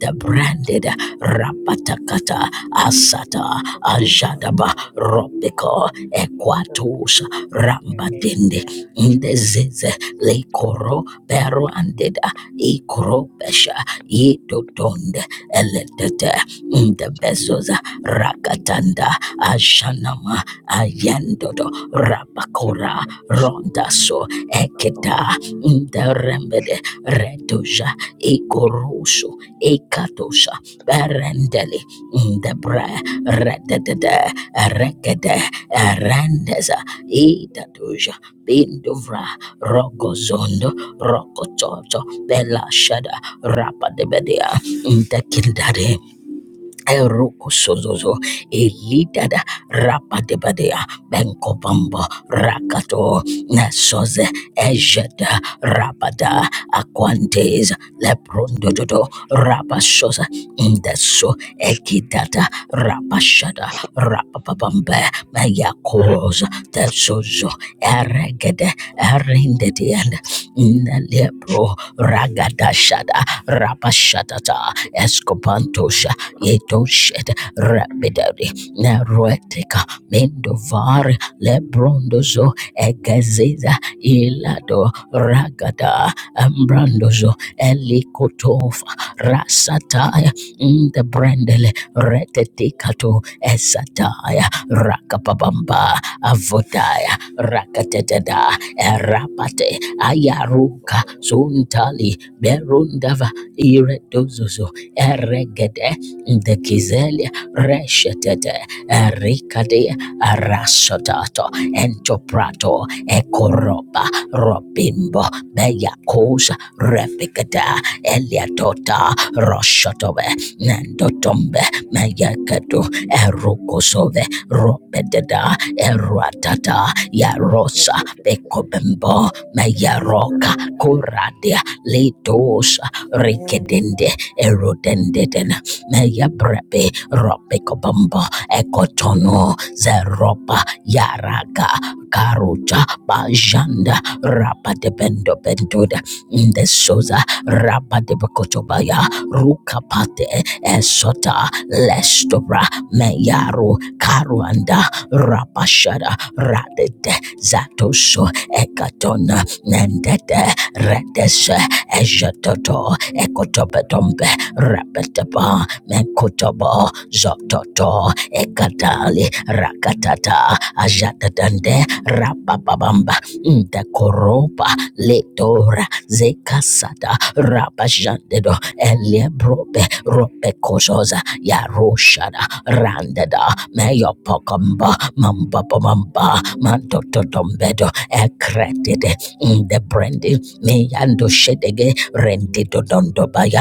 the branded rapatakata asata ajadaba ropiko equatos rambadende ndezeze lekoro pero andeda ikoro pesha yidodonde eletete the bezos Rakatanda Ajanama Ayendodo Rabakora Rondaso Ekeda Nderembede Redoja Ikoroso Ekatosha Berendeli Ndebre Redede Rekede Rendeza Idadoja Bindovra Rogozondo Rokototo Bella Shada Rapadebedea Ndekildare Eroko sozozo elidada rapadebadea benkobambo rakato nasoze ejeda rabada aquantes leprondododo rapasosa indeso ekitata rapashada rapapabambe meyakoz tesozo eregede erindedian nalepro ragadashada rapashatata escopantos yedoshed rabidari naruetika mendovar lebrondozo egezeza ilado ragada ambrandozo elikotofa rasataya ndebrendele retetikato esataya rakapabamba avodaya rakateteda erapate ayaruka you. suntali berundava iredozozo eregede the Kizelia Reshetete Ericade Arashotato Entoprato Ekoroba Robimbo Beyakosa Reficada Eliatota Roshotobe Nandotombe Mayakadu Erukosove Robededa Eruatata Yarosa Ada Bekobembo Mayaroka Kuradia Letosa Rikedende Erodendeden Yabrebe, Robekobombo, Ekotono, Zeropa, Yaraga, Karuta, Bajanda, Rapa de Bendo Benduda, Ndesoza, Rapa de Bokotobaya, Rukapate, Esota, Lestobra, Meyaru, Karuanda, Rapashada, Radete, Zatoso, Ekatona, Nendete, Redese, Ejatoto, Ekotopetombe, Rapetapa, Mekotobo, Zototo, Ekatali, Rakatata, Ajatadande, Rapapabamba, Ndekoropa, Letora, Zekasata, Rapajandedo, Elebrope, Rope Kosoza, Yaroshada, Randeda, Meyopokamba, Mambapomamba, Mantototombedo, Ekretide, Ndebrandi, Meyando Shedege, Rendidodondobaya,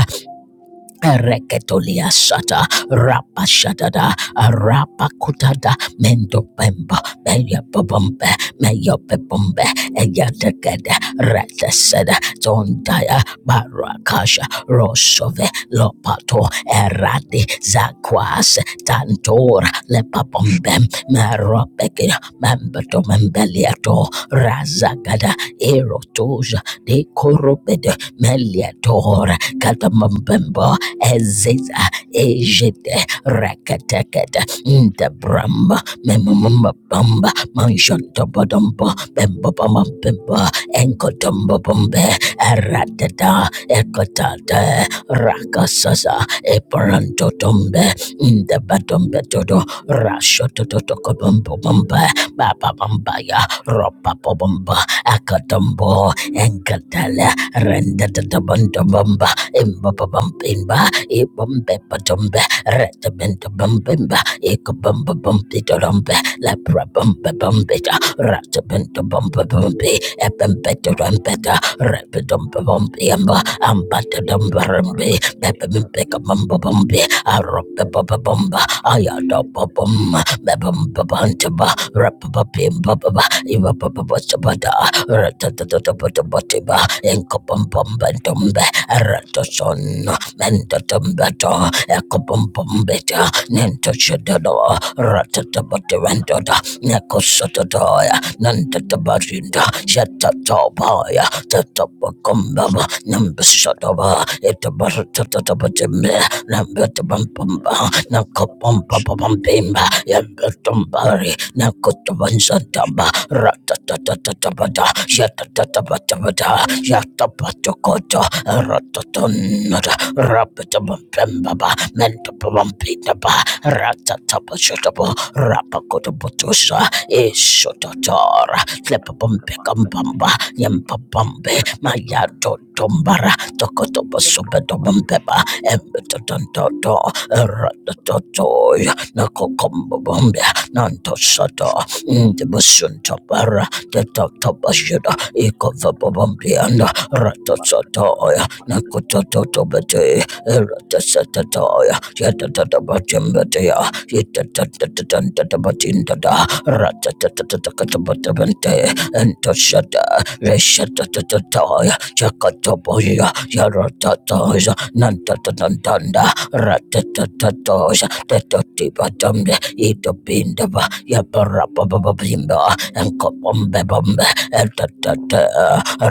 Reketolia shata rapa shatada rapa kutada mendo bemba meya babambe meya bebombe eya dekede rete seda tondaya barakasha rosove lopato eradi zakwas tantor lepapombe meropeke membeto membeliato razagada erotoja de korobede meliator katamambembo Eziza Ejide Rakatakata Ndabramba Memamba Bamba Manshantobodumbo Bembobama Bimba Enkotumbo Bumbe Eratata Ekotata Rakasasa Eparantotombe Ndabatombe Todo Rashototokobombo Bumba Baba Bambaya Ropa Bumba Akatombo Enkatala Rendatabandabamba Imbabamba ibombe badumbe retabenta bumbimba ikabumba bumbi dorumbe lepra bumba bumbita ratabenta bumba bumbi ebembeta rumbeta repidumba bumbi amba ambata dumba rumbi bebimbeka bumba bumbi arupa bumba bumba ayada bum bebumba bantaba rapabimba baba ibaba baba sabada Ratatatabatiba, Incopumpumbentumbe, Eratoson, Mentotumbeto, Ecopumpumbetia, Nintoshedado, Ratatabatirendada, Necosotodaya, Nantatabarinda, Shetatobaya, Tatabacumbaba, Nambisodaba, Etabaratatabatimme, Nambetabumpumba, Nacopumpabumpimba, Yambatumbari, Nacotabanzatamba, Ratatatabada, Yatatabata, Yatabatokoto, Ratatunada, Rapitabamba, Mentapampinaba, Ratatabatatabo, Rapakotobotosa, Thank Isotator, Flepabumpekambamba, Yampabambe, Mayato Tombara, Tokotobasubedombeba, Embetotontoto, Ratatotoi, Nakokombabambia, Nantosato, Ndibusuntabara, tetatapashida ikavapavampiana ratasataya nakutatotobete eratasatatoya yatatatabatimbetaya itatatatatatabatindada ratatatatatakatabatabenteya Entoshada Reshatatataya Jakatoboya Yaratatoja Nantatatanda Ratatatatoja Tetotibatamde Itobindaba Yaparapababimba Nkopombe bombe etatata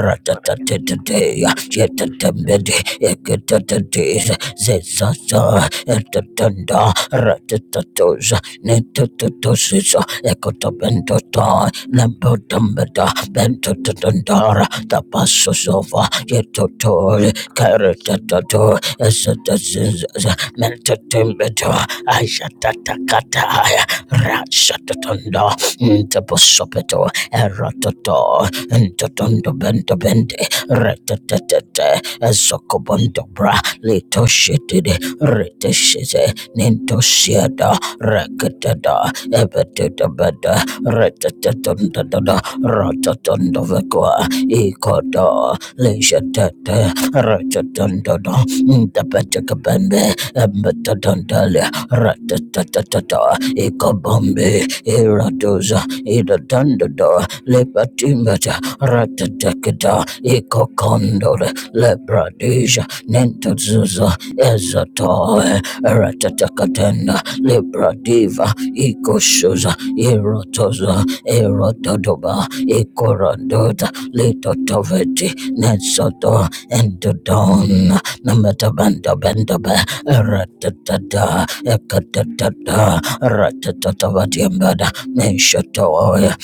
ratatatataya yetatambedi ekatatatis zezasa etatanda ratatatosa netatotosisa ekotopentota lempotambeda bentotatandara tapasosova yetotoli karatatato esatazizaza mentatambeda ayatatakataya ratshatatanda Tabosopeto, Eratoto, Ntotondo Bento Bende, Retetete, Ezokobondo Bra, Lito Shitide, Reteshite, Ninto Siada, Rekatada, Ebetuda Beda, Retetetunda, Rototondo Vekwa, Ikoda, Lishatete, Retetunda, Ntabetaka Bende, Embetudandalia, Retetetata, Ikobombi, Iradoza, Idadandada, Lepatimata, Ratatakada, Ikokondor, Lebradija, Nentazuza, Ezatoe, Ratatakatenda, Lebradiva, Ikoshuza, Irotoza, Erotodoba, Ikoradota, Litotoveti, Nensoto, Endodon, Namatabanda Bendaba, Ratata, Ekatata, ratatatavatiambada menshataoya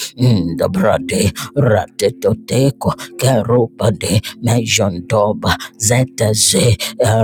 ndabrade ratetoteko kerupade mejondoba zeteze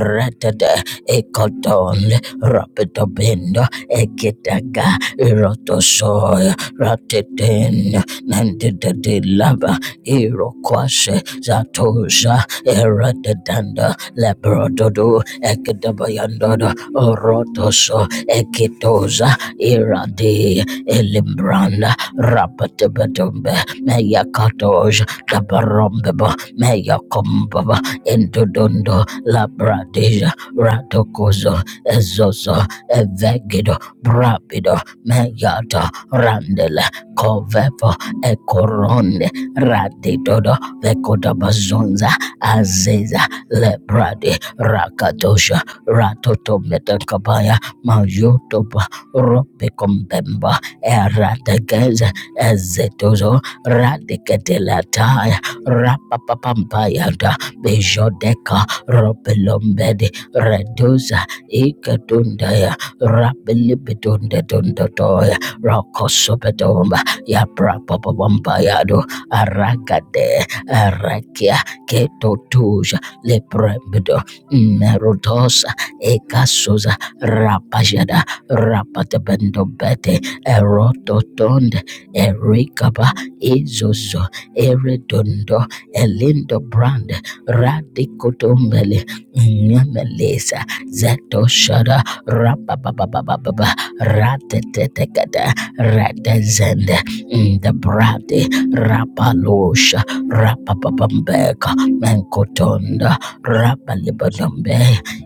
ratade ekotonde rapetobendo ekitaga irotosoya rateten nendidedilava irokwase zatoza eratedanda leprododo ekadabayandodo orotoso ekitoza Iradi Elimbranda Rapatabatumbe Meya Katoj Tabarombeba Meya Kombaba Intodondo Labradeja Ratokozo ezozo, Evegido Brapido Meyata Randele Kovepo Ekoronde Raditodo Vekodabazonza Azeza Lebrade Rakatosha Ratotometakabaya Mayoto Ropikompemba Erategeza Ezetozo Radicatelataya Rapapapampayada Bejodeka Ropelombedi Reduza Ikatundaya Rapilibitundetundatoya Rokosopetomba Yaprapapapampayado Aragade Arakia Ketotuja Leprebido Merutosa Ekasoza Rapajada rapatabendobete erototond erikaba izozo eredondo elindo brand radikotombele nyamelesa zetoshara rapabababababa ratetetekata ratezende ndabrate rapalosha rapapabambeka menkotonda rapalibadombe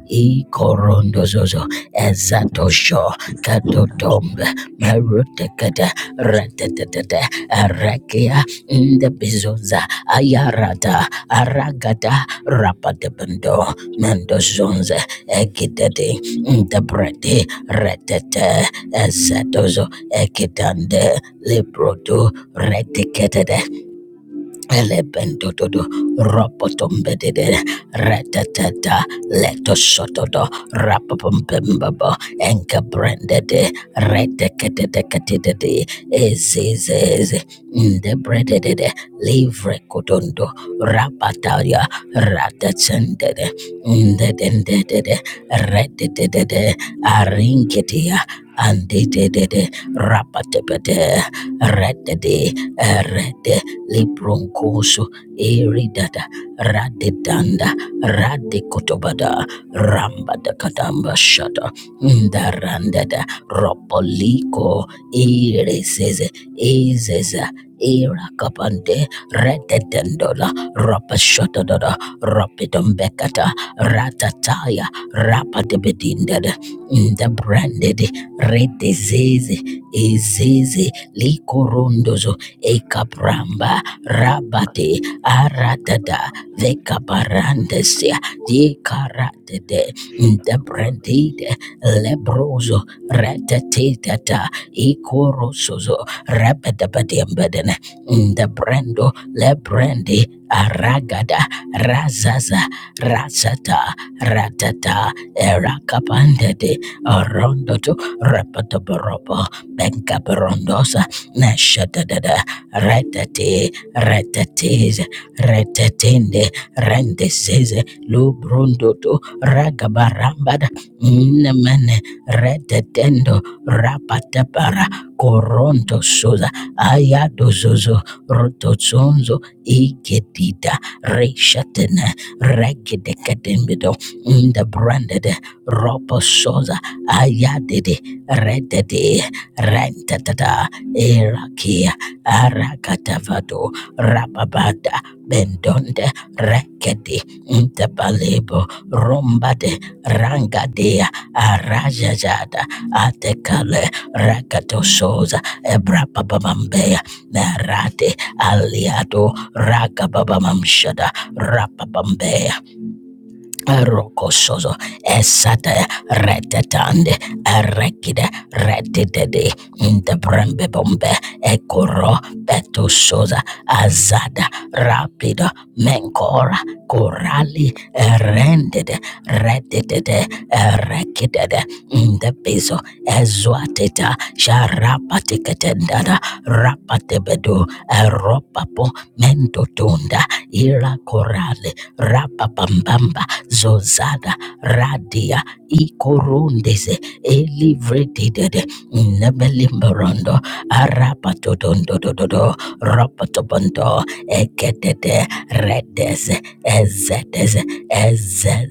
ikorondozozo ezatosho Kadodombe Marutekada Ratatata Arakia in the Bizoza Ayarada Aragada Rapadebendo Mendozonze Egidede in the Brede Retete Esatozo Ekidande Librodo Reticate Elebendododo ropotombedede retatata letoshotodo rapopombembabo enkabrendede reteketeteketedede ezezeze ndebrededede livrekotondo rapataria ratachendede ndedendedede redededede arinketia andededede rapatepete redede erede lebronkoso eridada radedanda radekotobada rambadakadamba shata ndarandada ropoliko ereseze ezeza irakapande rededendola rapashotodada rapidombekata ratataya rapadebedindada ndabrandede redezeze ezeze likorondozo ekapramba rabate aradada vekaparandesia dikaratede you. ndebrendide lebroso retetetata ikorosozo rabadabadiambedene ndebrendo lebrendi aragada razaza rasata ratata erakapandede Arondo to Rapatabaropo, Bencabarondosa, Nashadada, Ratati, Ratatis, Ratatinde, Rendises, Lubrundo to Ragabarambada, Namene, Retatendo, Rapatabara, Coronto Sosa, Ayado Zozo, Rotozonzo, Igedida, Reshatene, Regedecademido, in the branded Ropo Sosa ayadidi rededi rentatata iraki arakatavado rababada bendonde rekedi intabalebo rombade rangadea arajajada atekale rakatosoza ebrapababambea merate aliado rakababamamshada rapabambea Rokosozo esate retetande erekide retidede intebrembe bombe ekoro petusoza azada rapido menkora korali erendede retidede erekidede intebezo ezuateta sharapatiketendada rapatebedu eropapo mentotunda ira korale rapapambamba zozada radia ikorondeze elivredidede nebelimberondo arapatodondododo rapatobondo ekedede redes ezedes ezed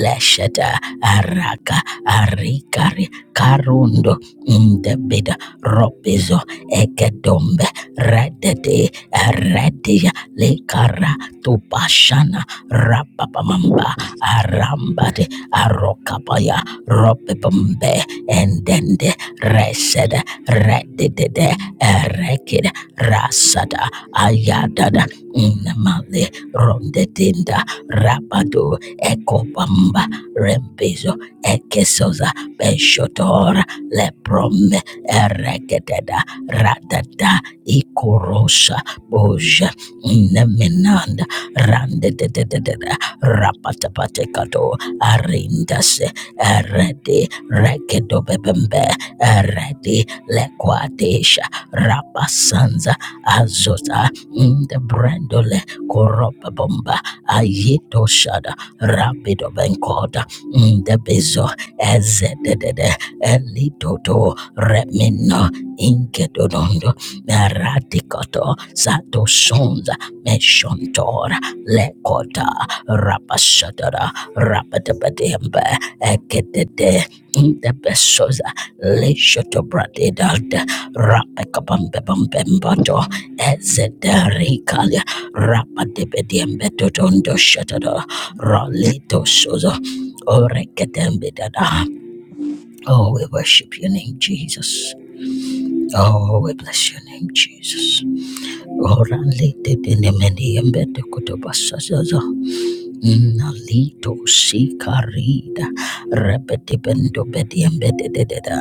lesheta araka arikari karundo ndebida robizo ekedombe redede redia lekara tupashana rapapamamba arambade arokapaya robebombe endende resed redidede erekid rasada ayadada inamale rondedinda rabado ekopamba rempezo ekesoza beshotora leprome eregededa radada ikorosa boja inemenanda randedededede rapatapatekato arindase eredi regedobebembe eredi Lequatesha Rapasanza Azota Inde Brandole Koropa Bomba Ayeto Shada Rapido Benkoda Inde Bezo Ezedede Elitoto Remino Inkedodondo Radicoto Sato Sonza Meshontora Lekota Rapashadara Rapatabademba Ekedede Inde Besoza Lishoto bradidalde rapekabambebambembato ezederikalia rapadebediembetotondo shatado roleto sozo orekedembedada. Oh, we worship your name, Jesus. Oh, we bless your name, Jesus. Oranlitedinemeniembetokotobasazazo Nalito shikarida rebedibendo bediembedededa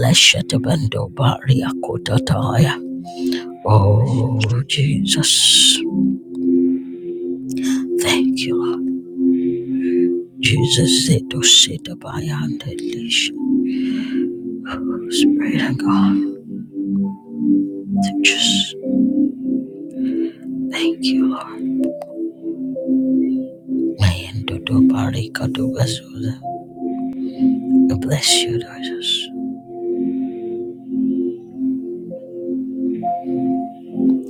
leshetebendo bariakotataya. Oh Jesus, thank you, Lord. Jesus. Zito shitabayande lish. Spirit of God, just thank you, Lord. Mayendo do barikado bezuza. I Bless you, Jesus.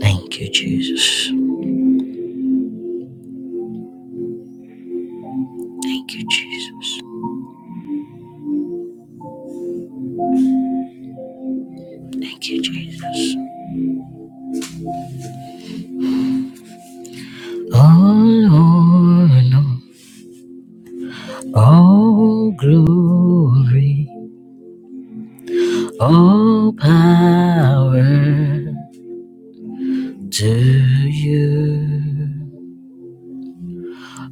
Thank you, Jesus. Thank you, Jesus. Thank you, Jesus. All honor, All glory, all power to you.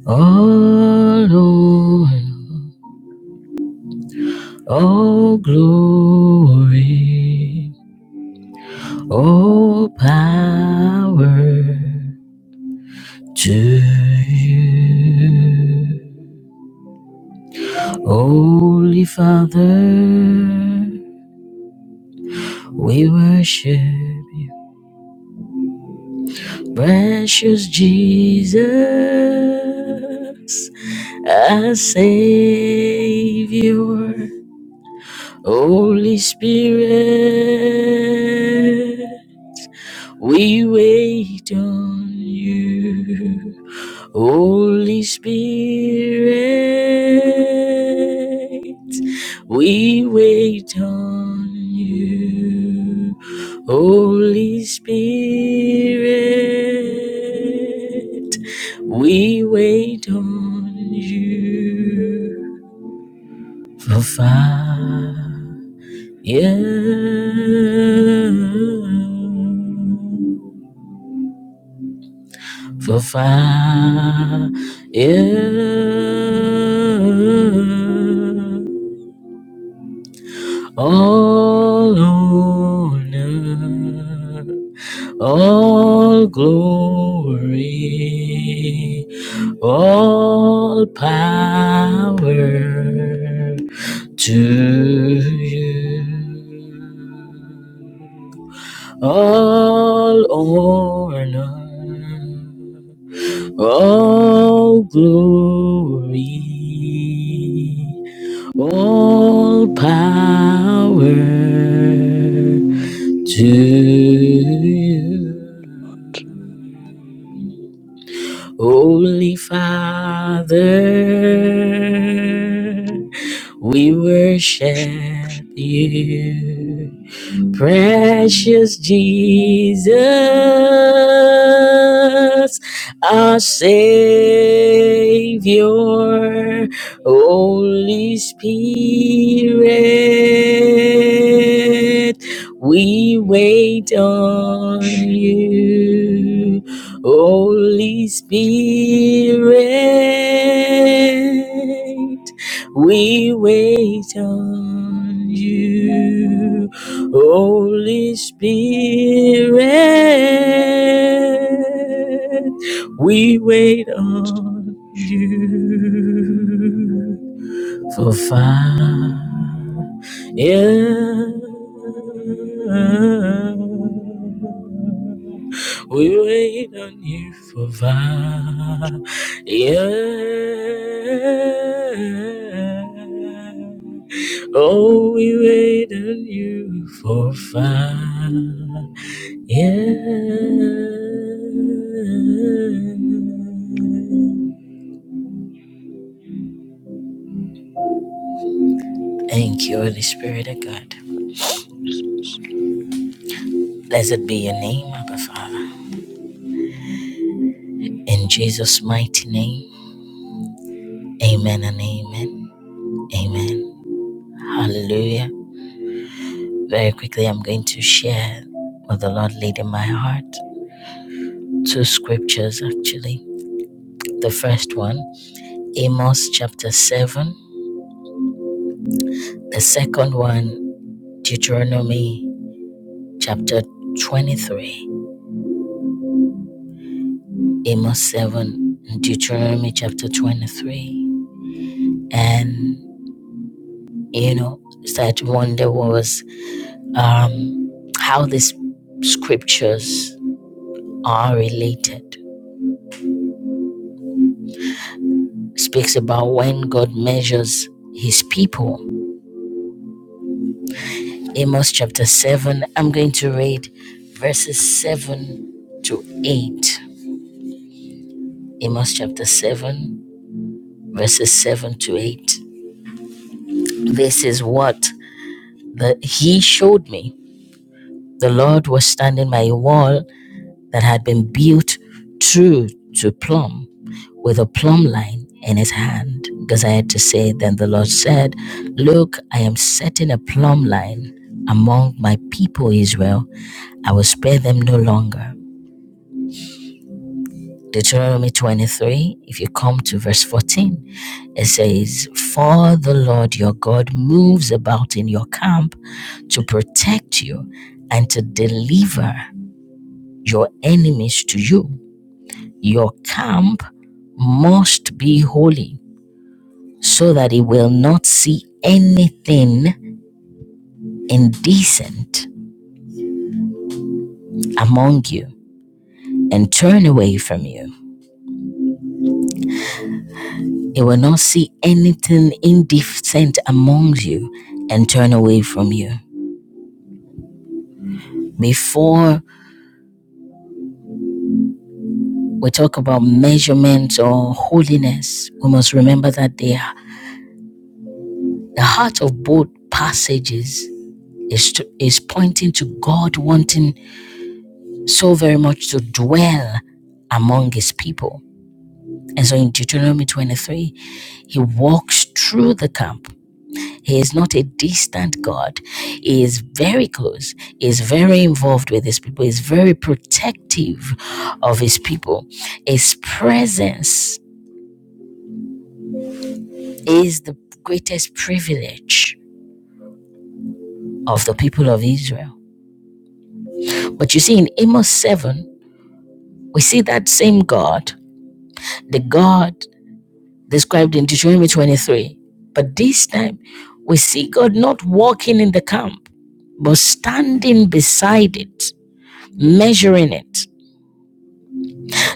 All honor, All glory, all power to you. Holy Father, we worship you. Precious Jesus, our Savior. Holy Spirit, we wait on you. Holy Spirit, we wait on you. Holy Spirit, we wait on you. For fire you for fire. You All honor, all glory, all power to you. All honor. All glory, all power to you. Holy Father, we worship you. Precious Jesus, our Savior, Holy Spirit, we wait on you. Holy Spirit, we wait on you. Holy Spirit, we wait on you. For far, yeah. We wait on you for far, yeah. Oh, we wait on you for far, yeah. Thank you, Holy Spirit of God. Blessed be your name, Abba Father. In Jesus' mighty name, amen and amen. Amen. Hallelujah. Very quickly, I'm going to share what the Lord laid in my heart. Two scriptures, actually. The first one, Amos chapter 7. The second one, Deuteronomy chapter 23. Amos 7, and Deuteronomy chapter 23. And, you know, started to wonder what was um, how these scriptures are related. It Speaks about when God measures his people. Amos chapter 7, I'm going to read verses 7 to 8. Amos chapter 7, verses 7 to 8. This is what the, he showed me. The Lord was standing by a wall that had been built true to plumb with a plumb line in his hand because I had to say, Then the Lord said, Look, I am setting a plumb line among my people Israel. I will spare them no longer. Deuteronomy 23, if you come to verse 14, it says, For the Lord your God moves about in your camp to protect you and to deliver your enemies to you. Your camp must be holy. so that he will not see anything indecent among you and turn away from you. He will not see anything indecent among you and turn away from you. Before we talk about measurements or holiness, we must remember that they the heart of both passages is, to, is pointing to God wanting so very much to dwell among his people And so in Deuteronomy 23, he walks through the camp. He is not a distant God. He is very close. He is very involved with his people. He is very protective of his people. His presence is the greatest privilege of the people of Israel. But you see, in Amos 7, we see that same God, the God described in Deuteronomy 23. But this time, we see God not walking in the camp, but standing beside it, measuring it.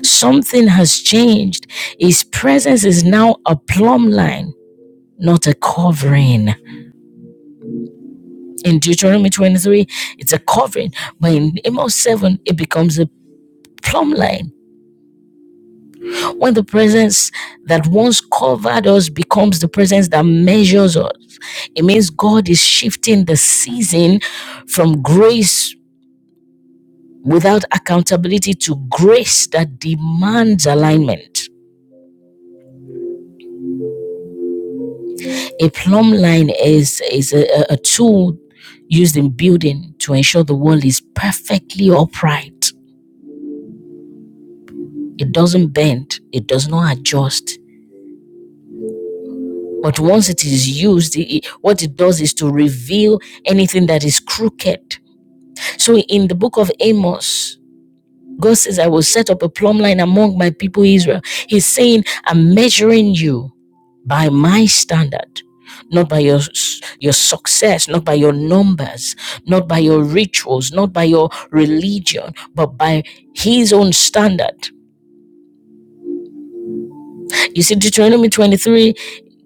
Something has changed. His presence is now a plumb line, not a covering. In Deuteronomy 23, it's a covering, but in Amos 7, it becomes a plumb line when the presence that once covered us becomes the presence that measures us, it means God is shifting the season from grace without accountability to grace that demands alignment. A plumb line is, is a, a tool used in building to ensure the wall is perfectly upright. It doesn't bend, it does not adjust. But once it is used, it- what it does is to reveal anything that is crooked So in the book of Amos, God says, I will set up a plumb line among my people Israel. He's saying, I'm measuring you by my standard, not by your your success, not by your numbers, not by your rituals, not by your religion, but by his own standard. You see, Deuteronomy 23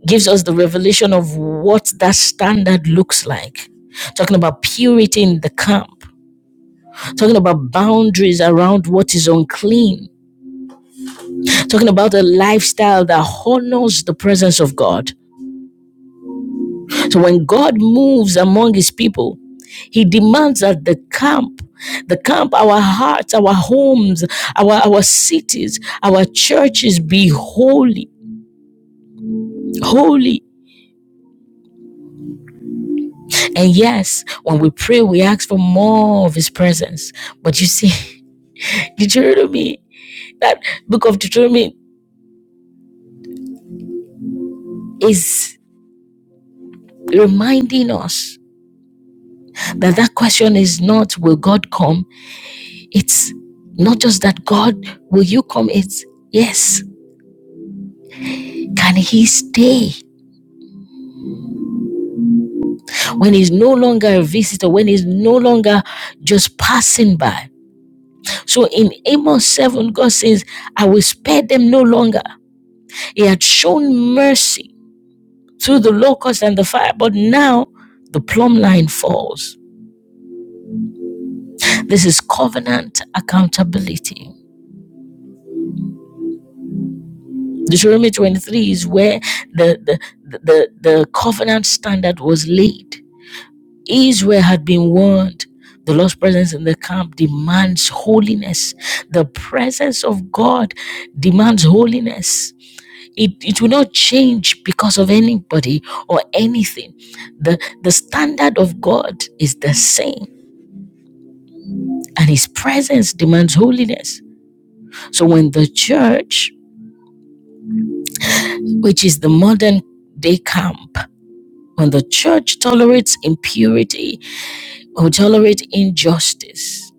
gives us the revelation of what that standard looks like. Talking about purity in the camp, talking about boundaries around what is unclean, talking about a lifestyle that honors the presence of God. So when God moves among his people, he demands that the camp, the camp, our hearts, our homes, our, our cities, our churches be holy, holy. And yes, when we pray, we ask for more of his presence. But you see, <laughs> Deuteronomy, that book of Deuteronomy is reminding us that that question is not will God come It's not just that God, will you come? It's yes. Can he stay when he's no longer a visitor, when he's no longer just passing by? So in Amos 7, God says, I will spare them no longer. He had shown mercy through the locust and the fire, but now the plumb line falls. This is covenant accountability. Deuteronomy 23 is where the, the, the, the covenant standard was laid. Israel had been warned. The Lord's presence in the camp demands holiness. The presence of God demands holiness. It, it will not change because of anybody or anything. The, the standard of God is the same, and His presence demands holiness. So when the church, which is the modern day camp, when the church tolerates impurity or tolerate injustice,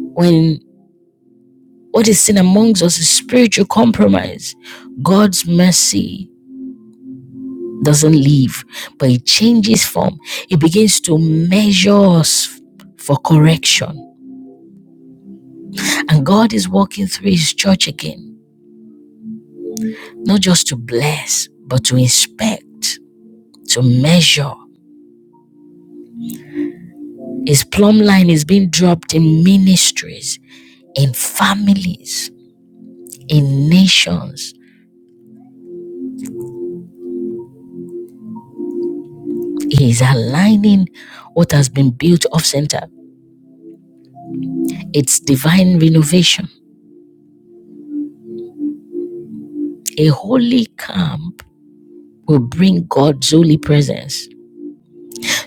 when What is seen amongst us is spiritual compromise. God's mercy doesn't leave, but it changes form. It begins to measure us for correction. And God is walking through His church again, not just to bless, but to inspect, to measure. His plumb line is being dropped in ministries, in families, in nations. He is aligning what has been built off center. It's divine renovation. A holy camp will bring God's holy presence.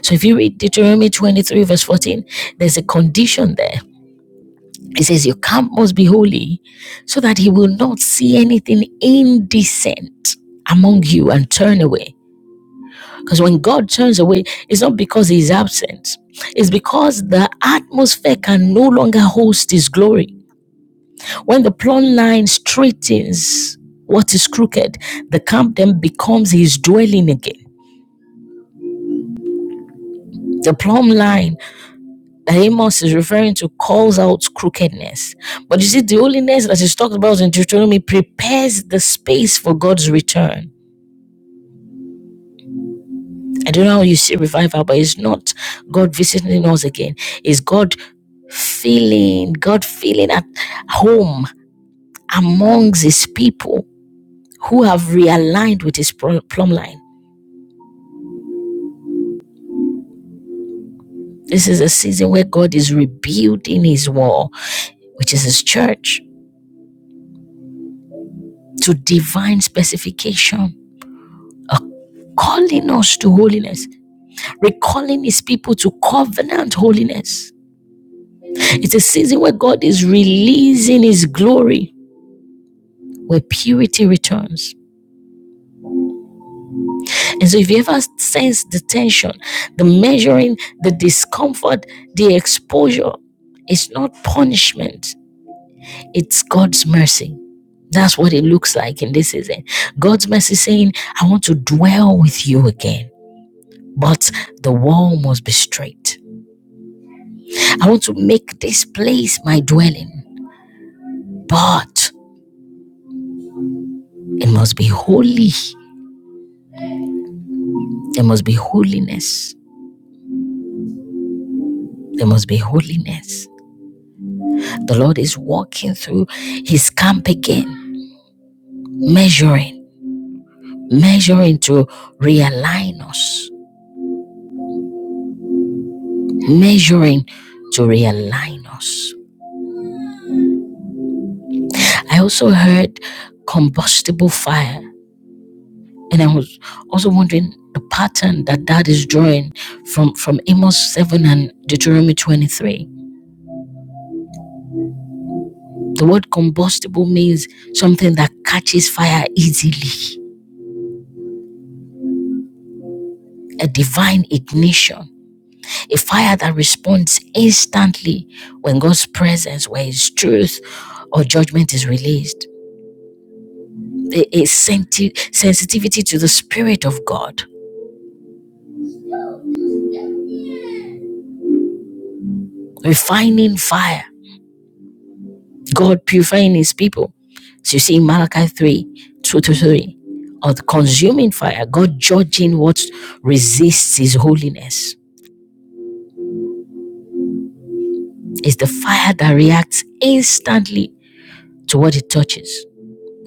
So if you read Deuteronomy 23, verse 14, there's a condition there. It says, Your camp must be holy so that he will not see anything indecent among you and turn away. Because when God turns away, it's not because he's absent, it's because the atmosphere can no longer host his glory. When the plumb line straightens what is crooked, the camp then becomes his dwelling again. the plumb line that Amos is referring to calls out crookedness. But you see, the holiness that is talked about in Deuteronomy prepares the space for God's return. I don't know how you see revival, but it's not God visiting us again. It's God feeling, God feeling at home amongst his people who have realigned with his pro- plumb line. This is a season where God is rebuilding his wall, which is his church, to divine specification calling us to holiness, recalling his people to covenant holiness. It's a season where God is releasing his glory, where purity returns. And so, if you ever sense the tension, the measuring, the discomfort, the exposure, it's not punishment, it's God's mercy. That's what it looks like in this season. God's mercy saying, I want to dwell with you again, but the wall must be straight. I want to make this place my dwelling, but it must be holy. There must be holiness. There must be holiness. The Lord is walking through his camp again, measuring, measuring to realign us, measuring to realign us. I also heard combustible fire, and I was also wondering the pattern that that is drawing from from Amos 7 and Deuteronomy 23 The word combustible means something that catches fire easily, a divine ignition, a fire that responds instantly when God's presence, where His truth or judgment is released. A, a senti- sensitivity to the Spirit of God, refining fire, God purifying His people. So you see in Malachi 3 2 to 3, or the consuming fire, God judging what resists His holiness Is the fire that reacts instantly to what it touches.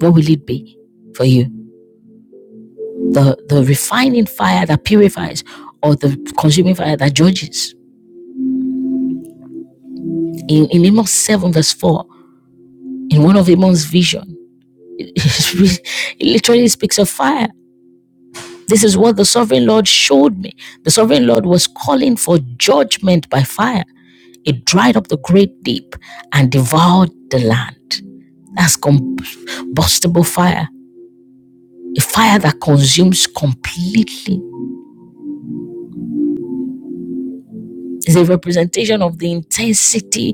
What will it be for you? The the refining fire that purifies or the consuming fire that judges. In, in Amos 7 verse 4, in one of Amos' vision, <laughs> it it literally speaks of fire. This is what the sovereign Lord showed me. The sovereign Lord was calling for judgment by fire. It dried up the great deep and devoured the land. That's combustible fire a fire that consumes completely is a representation of the intensity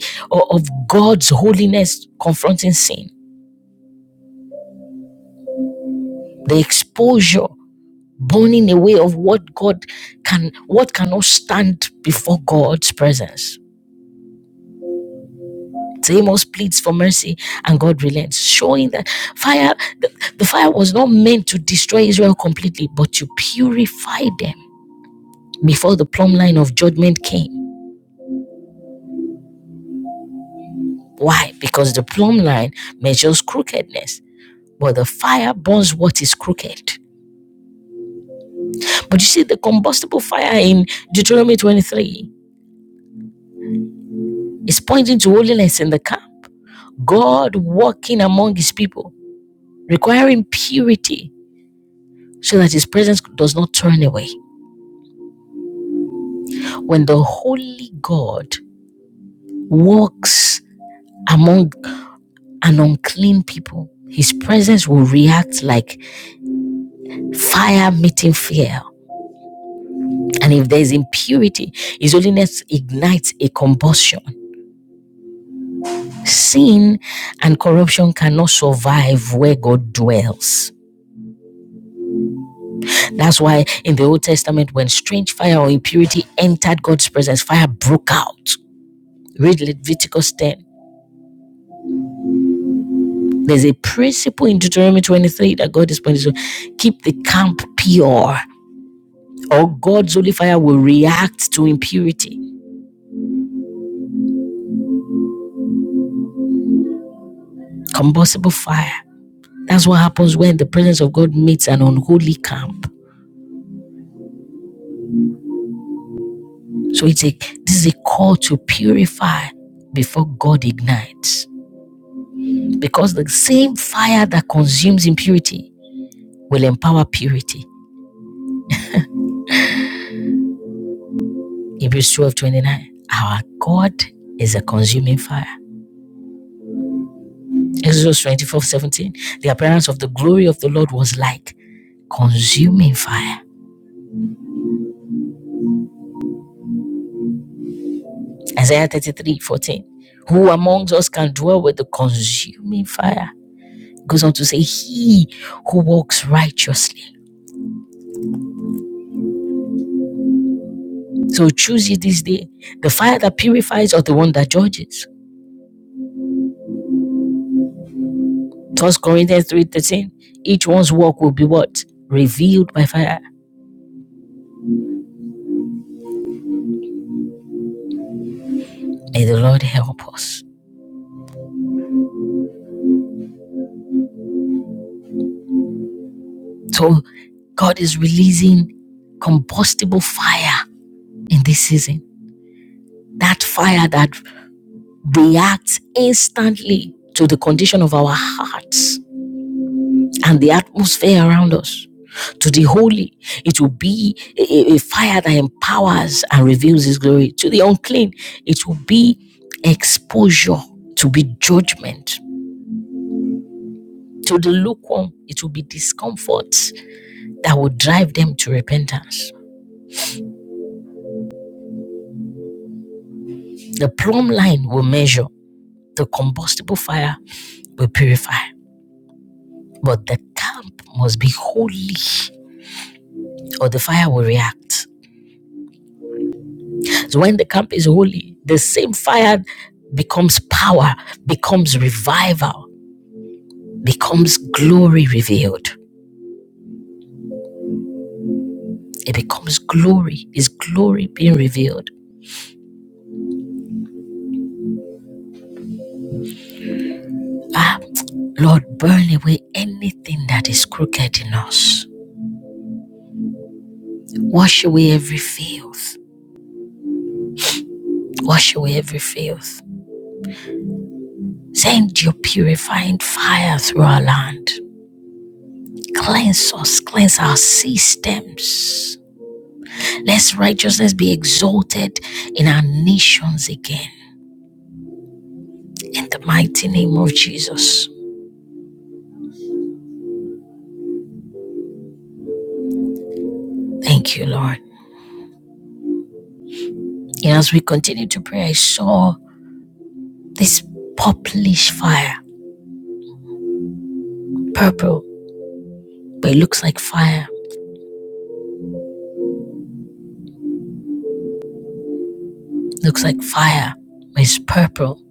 of God's holiness confronting sin. The exposure, burning away of what God can, what cannot stand before God's presence. So Amos pleads for mercy and God relents, showing that fire, the, the fire was not meant to destroy Israel completely, but to purify them before the plumb line of judgment came. Why? Because the plumb line measures crookedness but the fire burns what is crooked. But you see, the combustible fire in Deuteronomy 23 is pointing to holiness in the camp, God walking among his people, requiring purity so that his presence does not turn away. When the holy God walks among an unclean people, his presence will react like fire meeting fire. And if there is impurity, his holiness ignites a combustion. Sin and corruption cannot survive where God dwells. That's why in the Old Testament, when strange fire or impurity entered God's presence, fire broke out. Read Leviticus 10. There's a principle in Deuteronomy 23 that God is pointing to keep the camp pure, or God's holy fire will react to impurity. Combustible fire. That's what happens when the presence of God meets an unholy camp. So it's a this is a call to purify before God ignites. Because the same fire that consumes impurity will empower purity. Hebrews 12 29. Our God is a consuming fire. Exodus 24 17. The appearance of the glory of the Lord was like consuming fire. Isaiah thirty three fourteen. Who amongst us can dwell with the consuming fire? Goes on to say, He who walks righteously. So choose ye this day the fire that purifies or the one that judges. First Corinthians 3:13. Each one's work will be what? Revealed by fire. May the Lord help us. So God is releasing combustible fire in this season. That fire that reacts instantly to the condition of our hearts and the atmosphere around us. To the holy, it will be a, a- a fire that empowers and reveals His glory. To the unclean, it will be exposure, to be judgment To the lukewarm, it will be discomfort that will drive them to repentance. The plumb line will measure, the combustible fire will purify, but the camp must be holy or the fire will react. So when the camp is holy, the same fire becomes power, becomes revival, becomes glory revealed. It becomes glory. Is glory being revealed? Ah, Lord, burn away anything that is crooked in us. Wash away every filth. Wash away every filth. Send your purifying fire through our land. Cleanse us, cleanse our systems. Let righteousness be exalted in our nations again. In the mighty name of Jesus. Thank you, Lord. And as we continue to pray, I saw this purplish fire, purple, but it looks like fire. Looks like fire, but it's purple.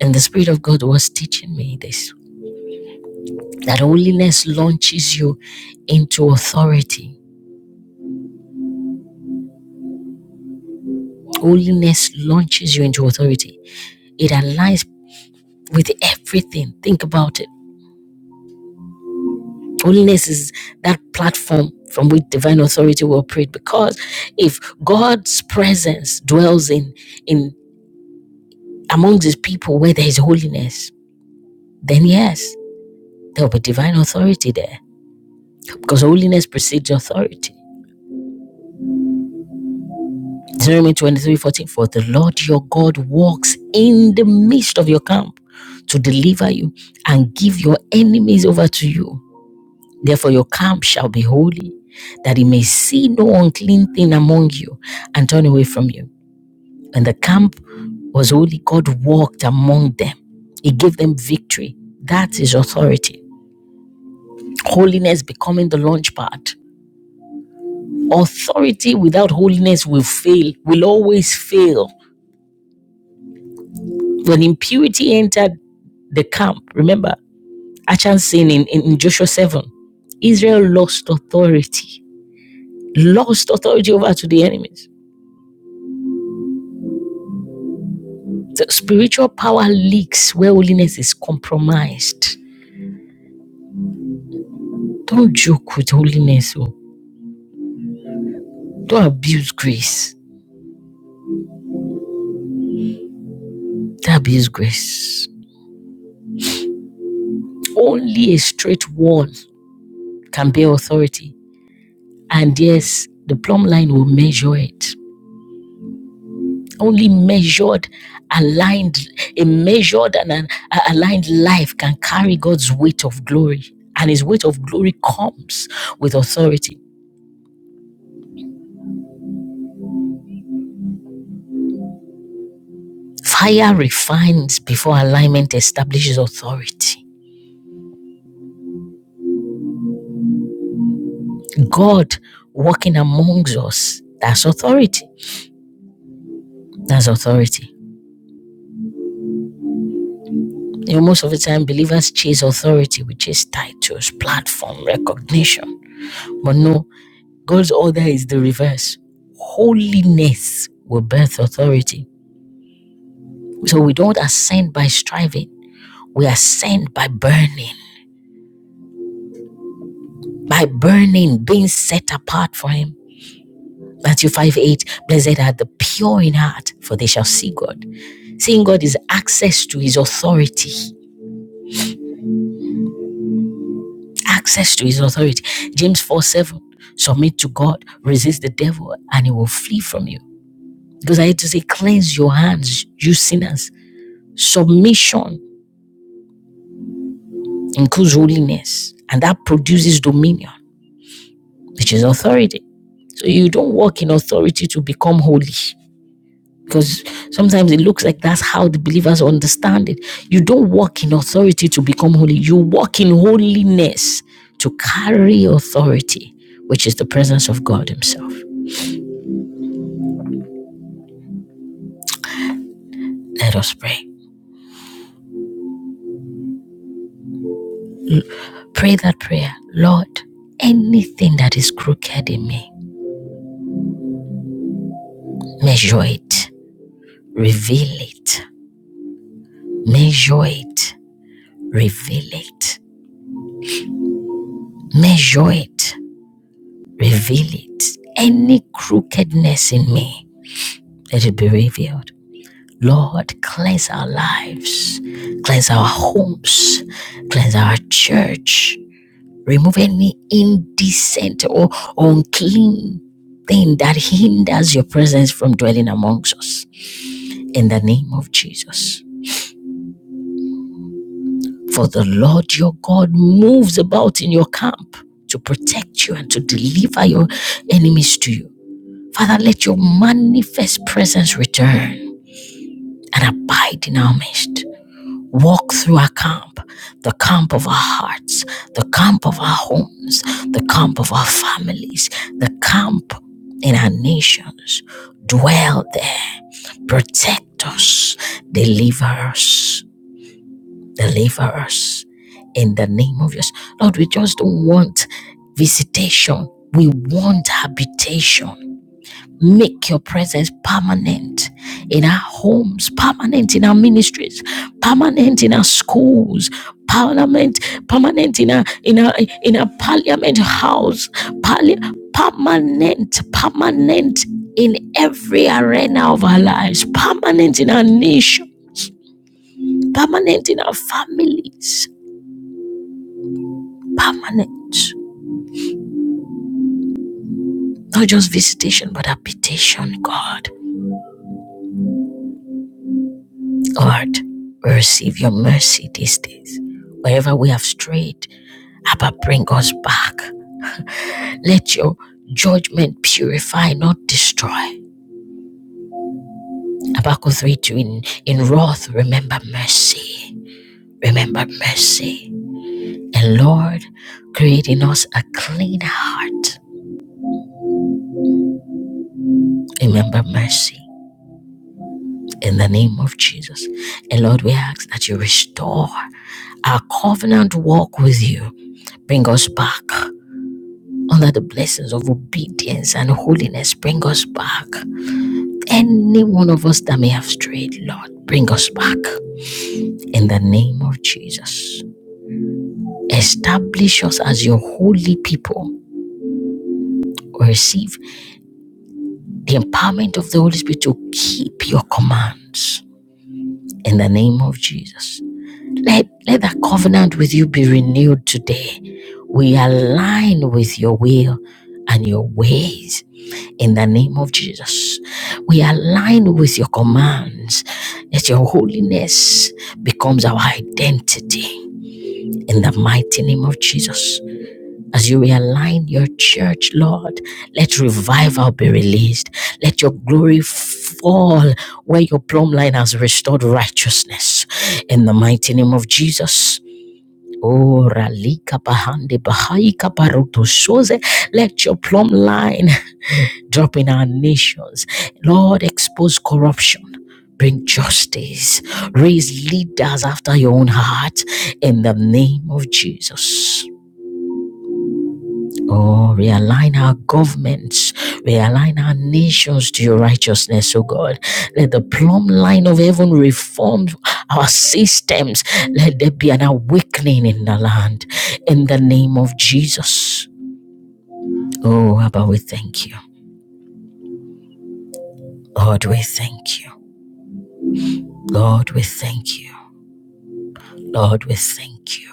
And the Spirit of God was teaching me this That holiness launches you into authority. Holiness launches you into authority. It aligns with everything. Think about it. Holiness is that platform from which divine authority will operate because if God's presence dwells in in amongst his people where there is holiness, then yes, there will be divine authority there because holiness precedes authority. Jeremiah 23 14. For the Lord your God walks in the midst of your camp to deliver you and give your enemies over to you. Therefore, your camp shall be holy, that he may see no unclean thing among you and turn away from you. When the camp was holy, God walked among them, He gave them victory. That is authority. Holiness becoming the launch pad. Authority without holiness will fail, will always fail. When impurity entered the camp. Remember, Achan saying in, in, in Joshua 7, Israel lost authority, lost authority over to the enemies. The spiritual power leaks where holiness is compromised. Don't joke with holiness. Oh. Don't abuse grace. Don't abuse grace. Only a straight wall can bear authority. And yes, the plumb line will measure it. Only measured, aligned, a measured and an aligned life can carry God's weight of glory. And his weight of glory comes with authority. Fire refines before alignment establishes authority. God working amongst us, that's authority. That's authority. You know, most of the time, believers chase authority, which is titles, platform, recognition. But no, God's order is the reverse. Holiness will birth authority. So we don't ascend by striving, we ascend by burning, by burning, being set apart for Him. Matthew 5 8, blessed are the pure in heart, for they shall see God. Seeing God is access to His authority. Access to His authority. James 4 7, submit to God, resist the devil, and He will flee from you. Because I had to say, cleanse your hands, you sinners. Submission includes holiness, and that produces dominion, which is authority. So you don't walk in authority to become holy. Because sometimes it looks like that's how the believers understand it. You don't walk in authority to become holy. You walk in holiness to carry authority, which is the presence of God Himself. Let us pray. Pray that prayer. Lord, anything that is crooked in me, measure it, reveal it, measure it, reveal it, measure it, Reveal it. Any crookedness in me, let it be revealed. Lord, cleanse our lives, cleanse our homes, cleanse our church. Remove any indecent or unclean thing that hinders your presence from dwelling amongst us. In the name of Jesus. For the Lord your God moves about in your camp to protect you and to deliver your enemies to you. Father, let your manifest presence return and abide in our midst. Walk through our camp, the camp of our hearts, the camp of our homes, the camp of our families, the camp in our nations. Dwell there, protect us, deliver us, deliver us in the name of Jesus. Lord, we just don't want visitation, we want habitation Make your presence permanent in our homes, permanent in our ministries, permanent in our schools, parliament, permanent in our in our in our parliament house, parli- permanent, permanent in every arena of our lives, permanent in our nation, permanent in our families, permanent. Not just visitation, but habitation, God. Lord, we receive your mercy these days. Wherever we have strayed, Abba, bring us back. Let your judgment purify, not destroy. Habakkuk 3 2 in, in wrath, remember mercy. Remember mercy. And Lord, create in us a clean heart. Remember mercy. In the name of Jesus. And Lord, we ask that you restore our covenant walk with you. Bring us back. Under the blessings of obedience and holiness, bring us back. Any one of us that may have strayed, Lord, bring us back. In the name of Jesus, establish us as your holy people. receive the empowerment of the Holy Spirit to keep your commands. In the name of Jesus, let, let that covenant with you be renewed today. We align with your will and your ways In the name of Jesus, we align with your commands that your holiness becomes our identity. In the mighty name of Jesus, as you realign your church, Lord, let revival be released. Let your glory fall where your plumb line has restored righteousness. In the mighty name of Jesus. Oh, Ralika Bahande Bahai Kabaroto Shoze, let your plumb line Drop in our nations. Lord, expose corruption. Bring justice. Raise leaders after your own heart in the name of Jesus. Oh, realign our governments, realign our nations to your righteousness, oh God. Let the plumb line of heaven reform our systems. Let there be an awakening in the land in the name of Jesus. Oh, Abba, we thank you. Lord, we thank you. Lord, we thank you. Lord, we thank you.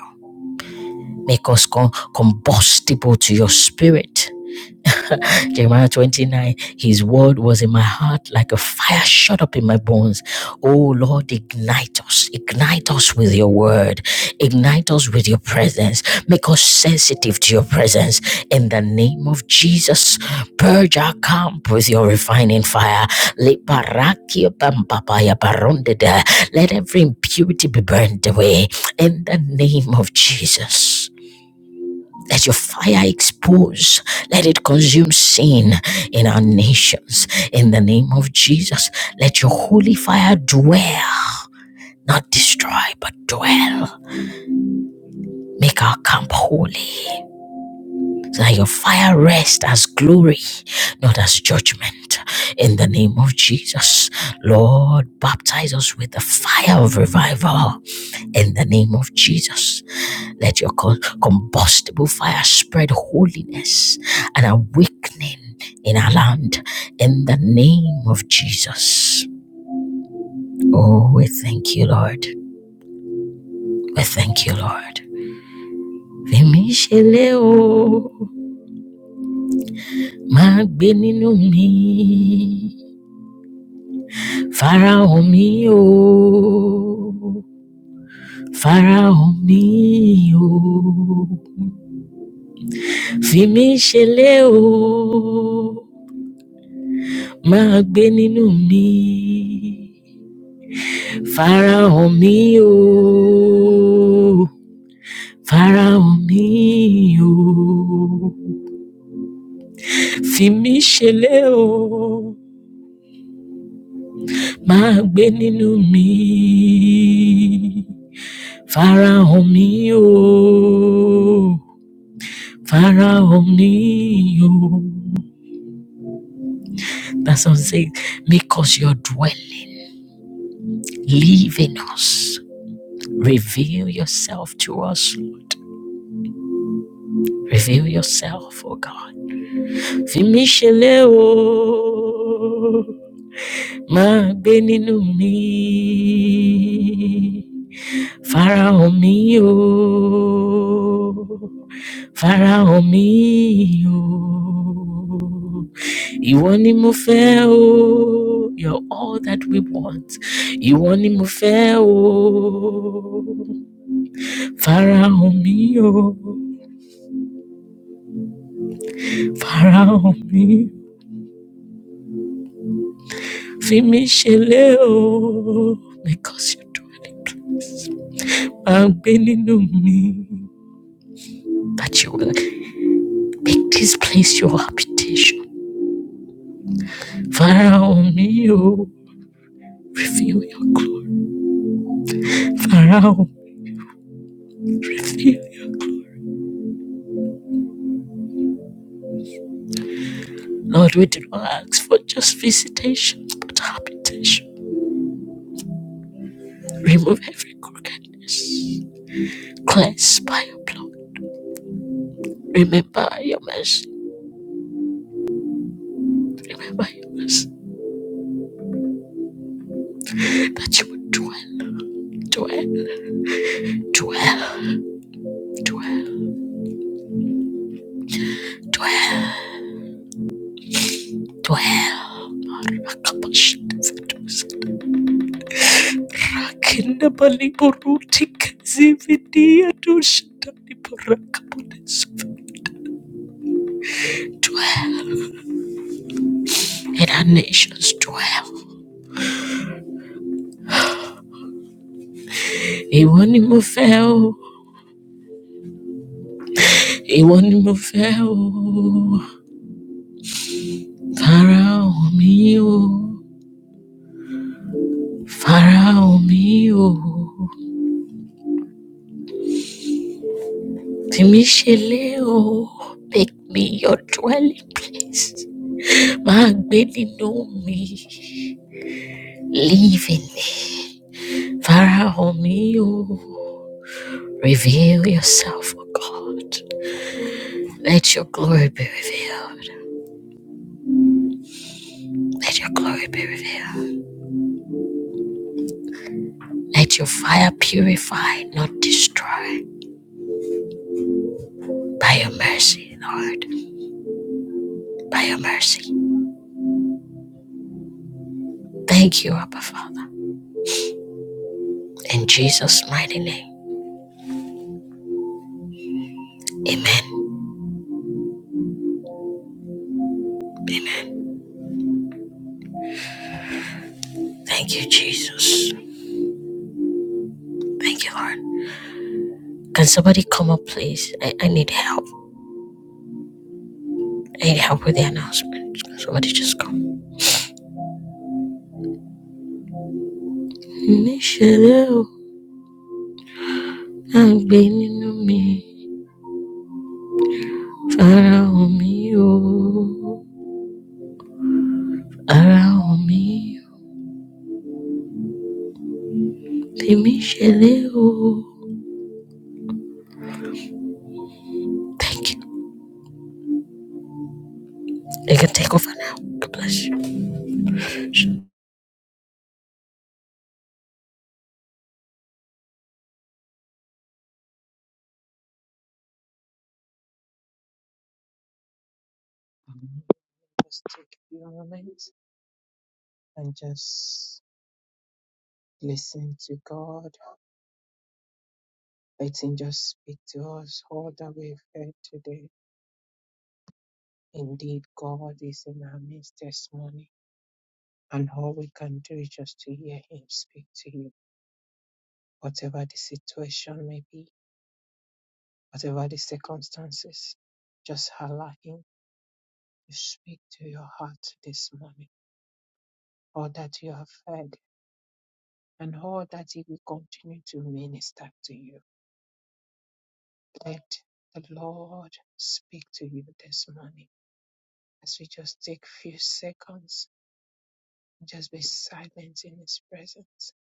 Make us combustible to your spirit. Jeremiah 29, His word was in my heart like a fire shut up in my bones. Oh Lord, ignite us. Ignite us with your word. Ignite us with your presence. Make us sensitive to your presence. In the name of Jesus, purge our camp with your refining fire. Let every impurity be burned away. In the name of Jesus. Let your fire expose. Let it consume sin in our nations. In the name of Jesus, let your holy fire dwell, not destroy, but dwell. Make our camp holy so that your fire rest as glory, not as judgment. In the name of Jesus, Lord, baptize us with the fire of revival. In the name of Jesus, Let your combustible fire spread holiness and awakening in our land in the name of Jesus. Oh, we thank you, Lord. We thank you, Lord. Fèmí ṣẹlẹ̀ o, máa gbé nínú mi, farahàn mi o, farahàn mi o. Fèmí ṣẹlẹ̀ o, máa gbé nínú mi. Faraon mi o, Faraon mi o, fi mí ṣẹlẹ̀ o, máa gbé nínú mi. Faraon mi o, Faraon mi o. That song says, make us your dwelling, live in us, reveal yourself to us, reveal yourself, O God. fi mí ṣẹlẹ o máa gbé nínú mi farahàn mi o farahàn mi o ìwọ ni mo fẹ́ o you're all that we want ìwọ ni mo fẹ́ o farahàn mi o farahàn mi fi mí ṣeré o because you do it. Máa gbé nínú mi. That you will make this place your habitation. Farahàn mi o, reveal your glory. Farahàn, reveal. Lord, we did not ask for just visitation, but habitation. Remove every crookedness. Cleanse by your blood. Remember your mercy. Remember your mercy. That you would dwell, dwell, dwell, dwell, dwell, dwell. Rakenda bali boruti kazividia dushatani parakapones. Dwell in our nations, dwell. Iwanimofeo, Iwanimofeo, Farao mio, Farao mio, Timisheleo, make me your dwelling place. Magbeni know me, live in me, Farao mio. Reveal yourself, O God. Let your glory be revealed. Let your glory be revealed. Let your fire purify, not destroy. By your mercy, Lord. By your mercy. Thank you, Abba Father. In Jesus' mighty name. Amen. Amen. Thank you, Jesus. Thank you, Lord. Can somebody come up, please? I, I need help. I need help with the announcement. Can somebody just come? Níṣẹ́ lé o, àgbẹ̀ nínú mi. Ara mi o, ara mi, lemi me o. Thank you. I can take over now. God bless you. Um, Just take a few moments and just listen to God. Let Him just speak to us all that we've heard today. Indeed, God is in our midst this morning, and all we can do is just to hear Him speak to you, whatever the situation may be, whatever the circumstances. Just allow Him to speak to your heart this morning, all that you have heard, and all that He will continue to minister to you Let the Lord speak to you this morning as we just take a few seconds, just be silent in His presence.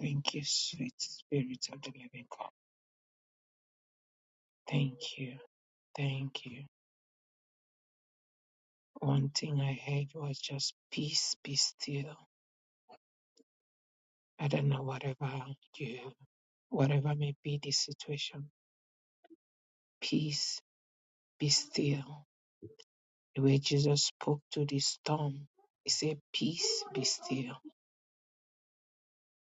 Thank you, sweet Spirit of the Living God. Thank you. Thank you. One thing I heard was just peace, be still. I don't know whatever you, whatever may be the situation, peace, be still. The way Jesus spoke to the storm, He said, Peace, be still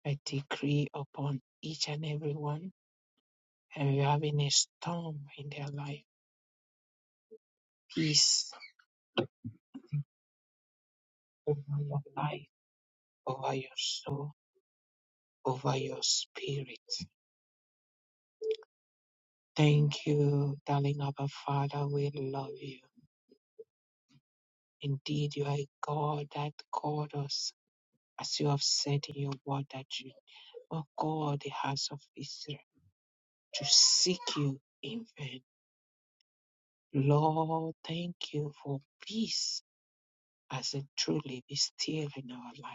I decree upon each and every one and you're having a storm in their life. Peace over your life, over your soul, over your spirit. Thank you, darling Abba Father. We love you. Indeed, you are a God that called us, as you have said in your word, that you, O God, the house of Israel, to seek you in vain. Lord, thank you for peace as it truly be still in our life.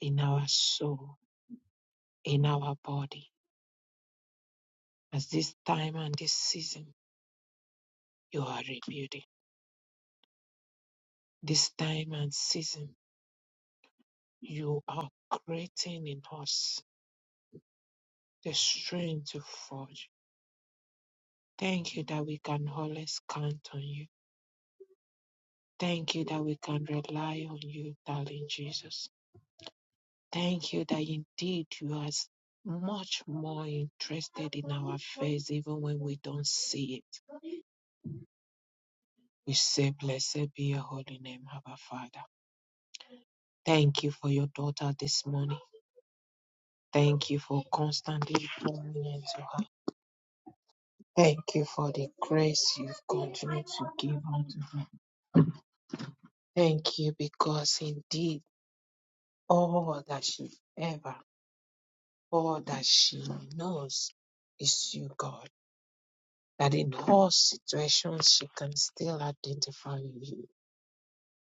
in our soul, in our body. As this time and this season, you are rebuilding. This time and season, you are creating in us the strength to forge. Thank you that we can always count on you. Thank you that we can rely on you, darling Jesus. Thank you that indeed you are s- much more interested in our face even when we don't see it. We say, Blessed be your holy name, Abba Father. Thank you for your daughter this morning. Thank you for constantly pouring into her. Thank you for the grace you've continued to give unto her. Thank you because indeed all that she ever, all that she knows is you, God. That in all situations she can still identify you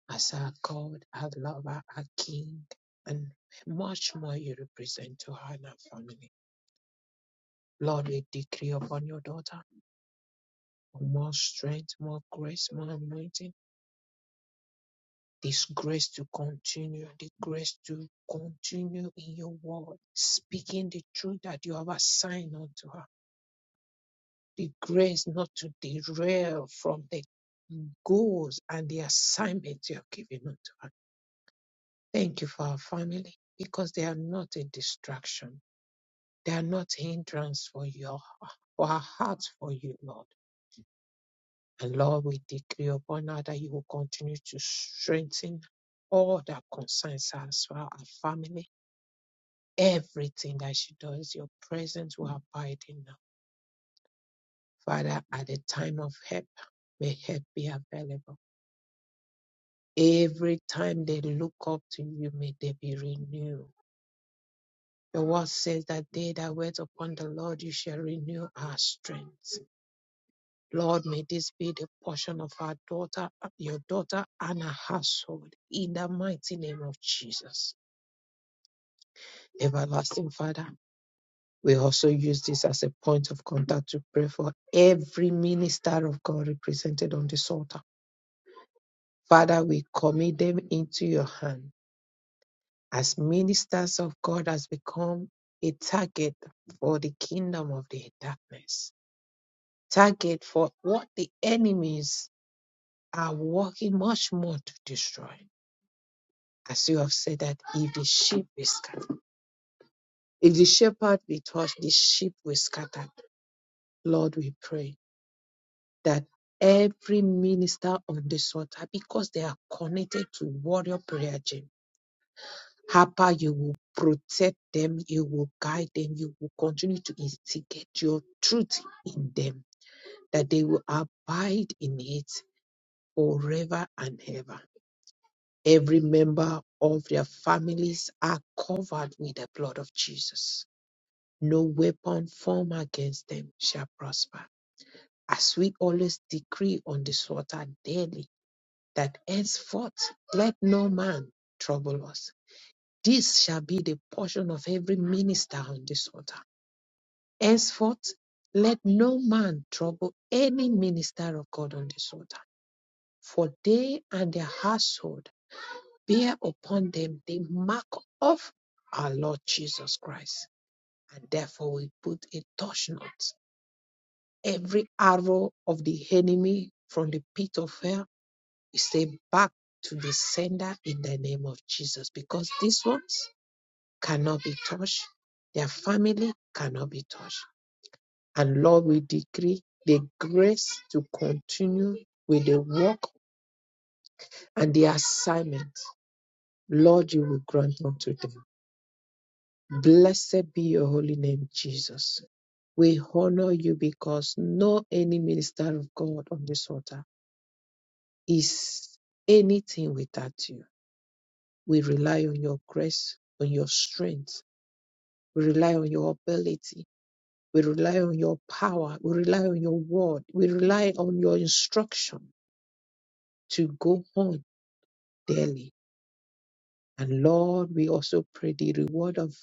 as her God, her lover, her King, and much more you represent to her and her family. Lord, we decree upon your daughter. for more strength, more grace, more anointing. This grace to continue, the grace to continue in your word, speaking the truth that you have assigned unto her. The grace not to derail from the goals and the assignment you are giving unto her. Thank you for our family because they are not a distraction. They are not hindrance for your for our hearts for you, Lord. And Lord, we decree upon now that you will continue to strengthen all that concerns her as well, her family, everything that she does, your presence will abide in her. Father, at the time of help, may help be available. Every time they look up to you, may they be renewed. The word says that they that wait upon the Lord, you shall renew our strength. Lord, may this be the portion of our daughter, your daughter, and her household in the mighty name of Jesus. Everlasting Father, we also use this as a point of contact to pray for every minister of God represented on this altar. Father, we commit them into your hand as ministers of God has become a target for the kingdom of the darkness, target for what the enemies are working much more to destroy. As you have said that if the sheep be scattered, if the shepherd be touched, the sheep will scatter. Lord, we pray that every minister on this altar, because they are connected to warrior prayer gym, Harper, you will protect them, you will guide them, you will continue to instigate your truth in them, that they will abide in it forever and ever. Every member of their families are covered with the blood of Jesus No weapon formed against them shall prosper. As we always decree on this water daily, that henceforth let no man trouble us. This shall be the portion of every minister on this altar. Henceforth, let no man trouble any minister of God on this altar. For they and their household bear upon them the mark of our Lord Jesus Christ. And therefore we put a touch not Every arrow of the enemy from the pit of hell is sent back to the sender in the name of Jesus because these ones cannot be touched. Their family cannot be touched. And Lord, we decree the grace to continue with the work and the assignment. Lord, you will grant unto them. Blessed be your holy name, Jesus. We honor you because no any minister of God on this altar is anything without you. We rely on your grace, on your strength. We rely on your ability. We rely on your power. We rely on your word. We rely on your instruction to go on daily. And Lord, we also pray the reward of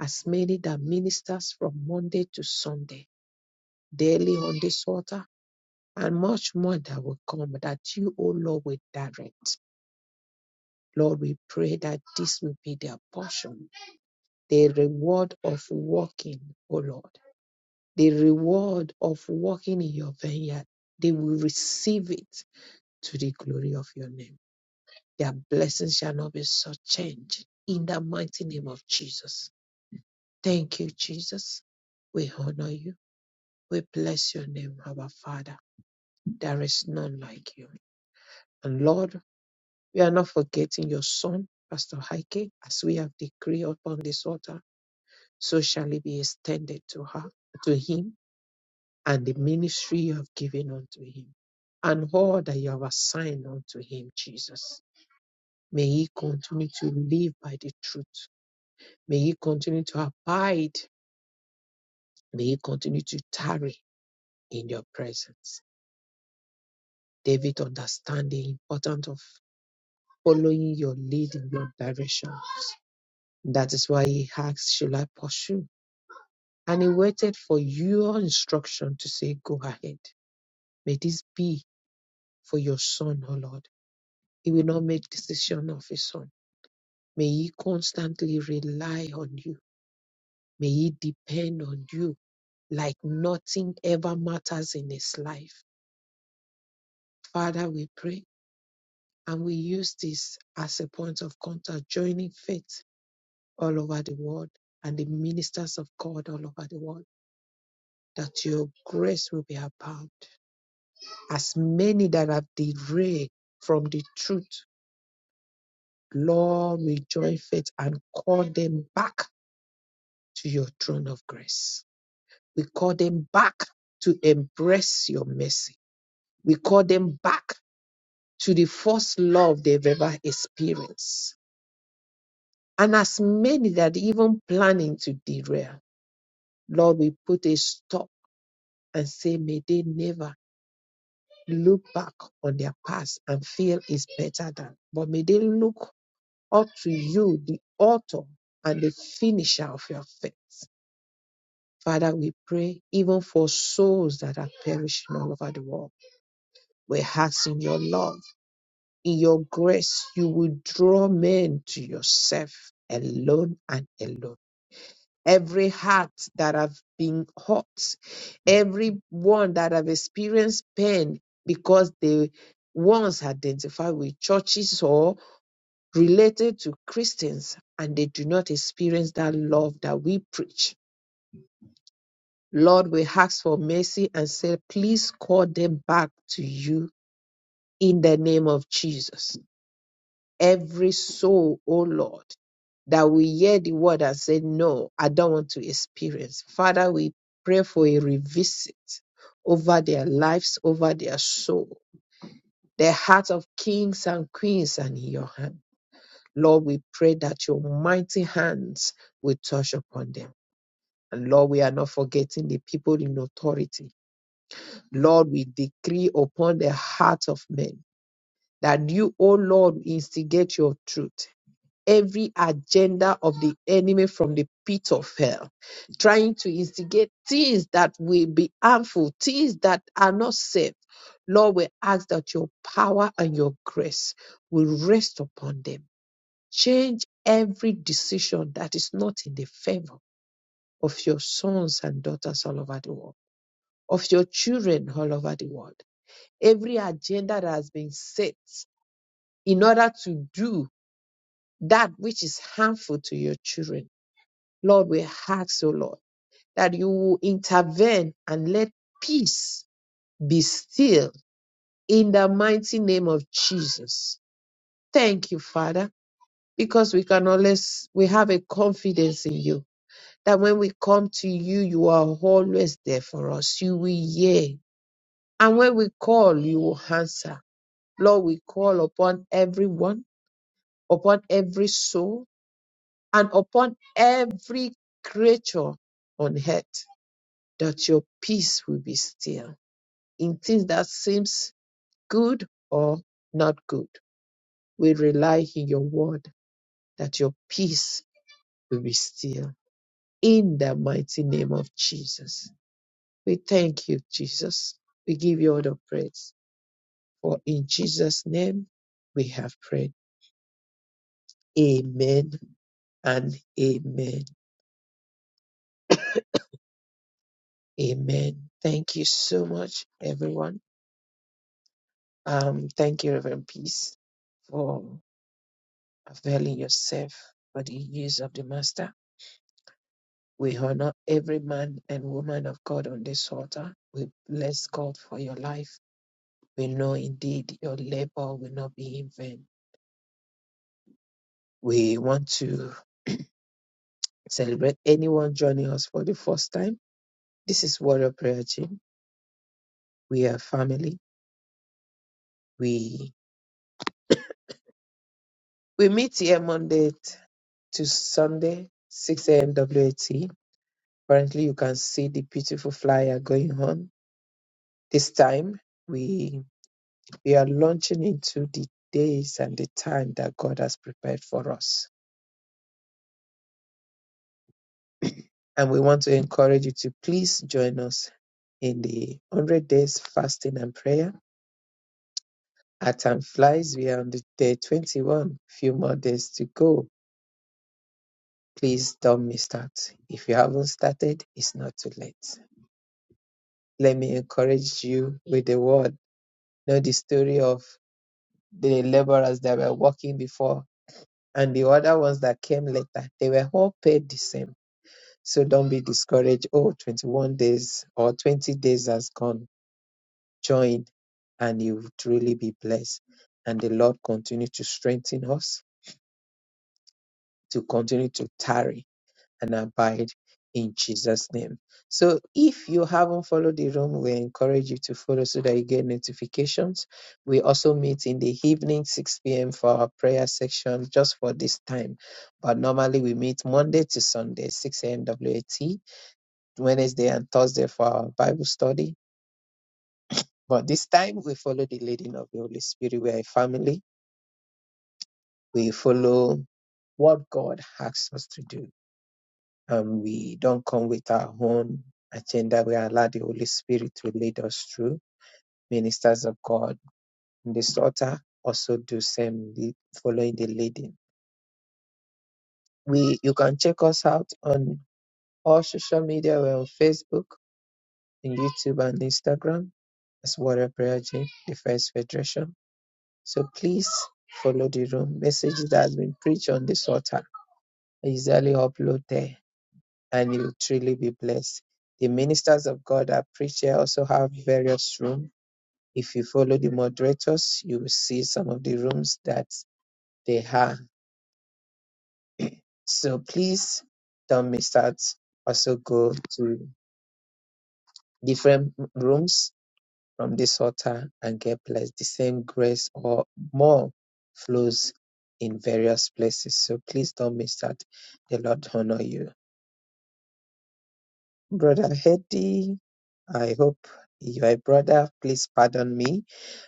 as many that ministers from Monday to Sunday daily on this altar and much more that will come that you, O Lord, will direct. Lord, we pray that this will be their portion the reward of walking, O Lord, the reward of walking in your vineyard, they will receive it to the glory of your name. Their blessings shall not be so changed in the mighty name of Jesus. Thank you, Jesus. We honor you. We bless your name, our Father. There is none like you. And Lord, we are not forgetting your son, Pastor Heike, as we have decreed upon this altar, so shall it be extended to her, to him and the ministry you have given unto him, and all that you have assigned unto him, Jesus. May he continue to live by the truth. May he continue to abide. May he continue to tarry in your presence. David, understand the importance of following your lead in your directions. That is why he asked, Shall I pursue? And he waited for your instruction to say, Go ahead. May this be for your son, O Lord He will not make decision of his own. May he constantly rely on you. May he depend on you like nothing ever matters in his life. Father, we pray and we use this as a point of contact, joining faith all over the world and the ministers of God all over the world, that your grace will be abound. As many that have derailed from the truth, Lord, rejoin faith and call them back to your throne of grace. We call them back to embrace your mercy. We call them back to the first love they've ever experienced. And as many that even planning to derail, Lord, we put a stop and say, may they never look back on their past and feel is better than. But may they look up to you, the author and the finisher of your faith. Father, we pray even for souls that are perishing all over the world. We ask in your love In your grace, you will draw men to yourself alone and alone. Every heart that have been hurt, every one that have experienced pain because they once identified with churches or related to Christians and they do not experience that love that we preach. Lord, we ask for mercy and say, please call them back to you in the name of Jesus. every soul, oh Lord, that we hear the word and say, No, I don't want to experience. Father, we pray for a revisit over their lives, over their soul. The heart of kings and queens are in your hand. Lord, we pray that your mighty hands will touch upon them. And Lord, we are not forgetting the people in authority. Lord, we decree upon the heart of men that you, O Lord, instigate your truth. every agenda of the enemy from the pit of hell, trying to instigate things that will be harmful, things that are not safe. Lord, we ask that your power and your grace will rest upon them. Change every decision that is not in the favor of your sons and daughters all over the world, of your children all over the world. Every agenda that has been set in order to do that which is harmful to your children Lord, we ask, O Lord, that you will intervene and let peace be still in the mighty name of Jesus. Thank you, Father, because we can always, we have a confidence in you that when we come to you, you are always there for us. You will hear. And when we call, you will answer. Lord, we call upon everyone, upon every soul, and upon every creature on earth that your peace will be still in things that seems good or not good. We rely in your word that your peace will be still in the mighty name of Jesus. We thank you, Jesus. We give you all the praise. For in Jesus' name we have prayed. Amen and amen. Amen. Thank you so much, everyone. Um, thank you, Reverend Peace, for availing yourself for the use of the Master. We honor every man and woman of God on this altar. We bless God for your life. We know indeed your labor will not be in vain. We want to celebrate anyone joining us for the first time. This is Warrior Prayer Team. We are family. We we meet here Monday t- to Sunday, 6 a.m. WAT. Currently, you can see the beautiful flyer going on. This time, We. We are launching into the days and the time that God has prepared for us. And we want to encourage you to please join us in the 100 days fasting and prayer. Our time flies. We are on the day 21, few more days to go. Please don't miss out. If you haven't started, it's not too late. Let me encourage you with the word. Know the story of the laborers that were working before and the other ones that came later. They were all paid the same So don't be discouraged. Oh, 21 days or 20 days has gone. Join and you will truly be blessed. And the Lord continue to strengthen us to continue to tarry and abide in Jesus' name. So if you haven't followed the room, we encourage you to follow so that you get notifications. We also meet in the evening, 6 p.m. for our prayer section just for this time. But normally we meet Monday to Sunday, 6 a.m. WAT Wednesday and Thursday for our Bible study. But this time we follow the leading of the Holy Spirit. We are a family. We follow what God asks us to do. And we don't come with our own agenda. We allow the Holy Spirit to lead us through. Ministers of God in this altar also do same following the leading. We you can check us out on all social media. We're on Facebook, and YouTube and Instagram as Warrior Prayer Gym, Defense Federation. So please follow the room. Message that has been preached on this altar is easily uploaded and you'll truly be blessed. The ministers of God that preach here also have various rooms. If you follow the moderators, you will see some of the rooms that they have. So please don't miss out. Also go to different rooms from this altar and get blessed. The same grace or more flows in various places. So please don't miss that. The Lord honor you. Brother Hedy, I hope you are a brother. Please pardon me.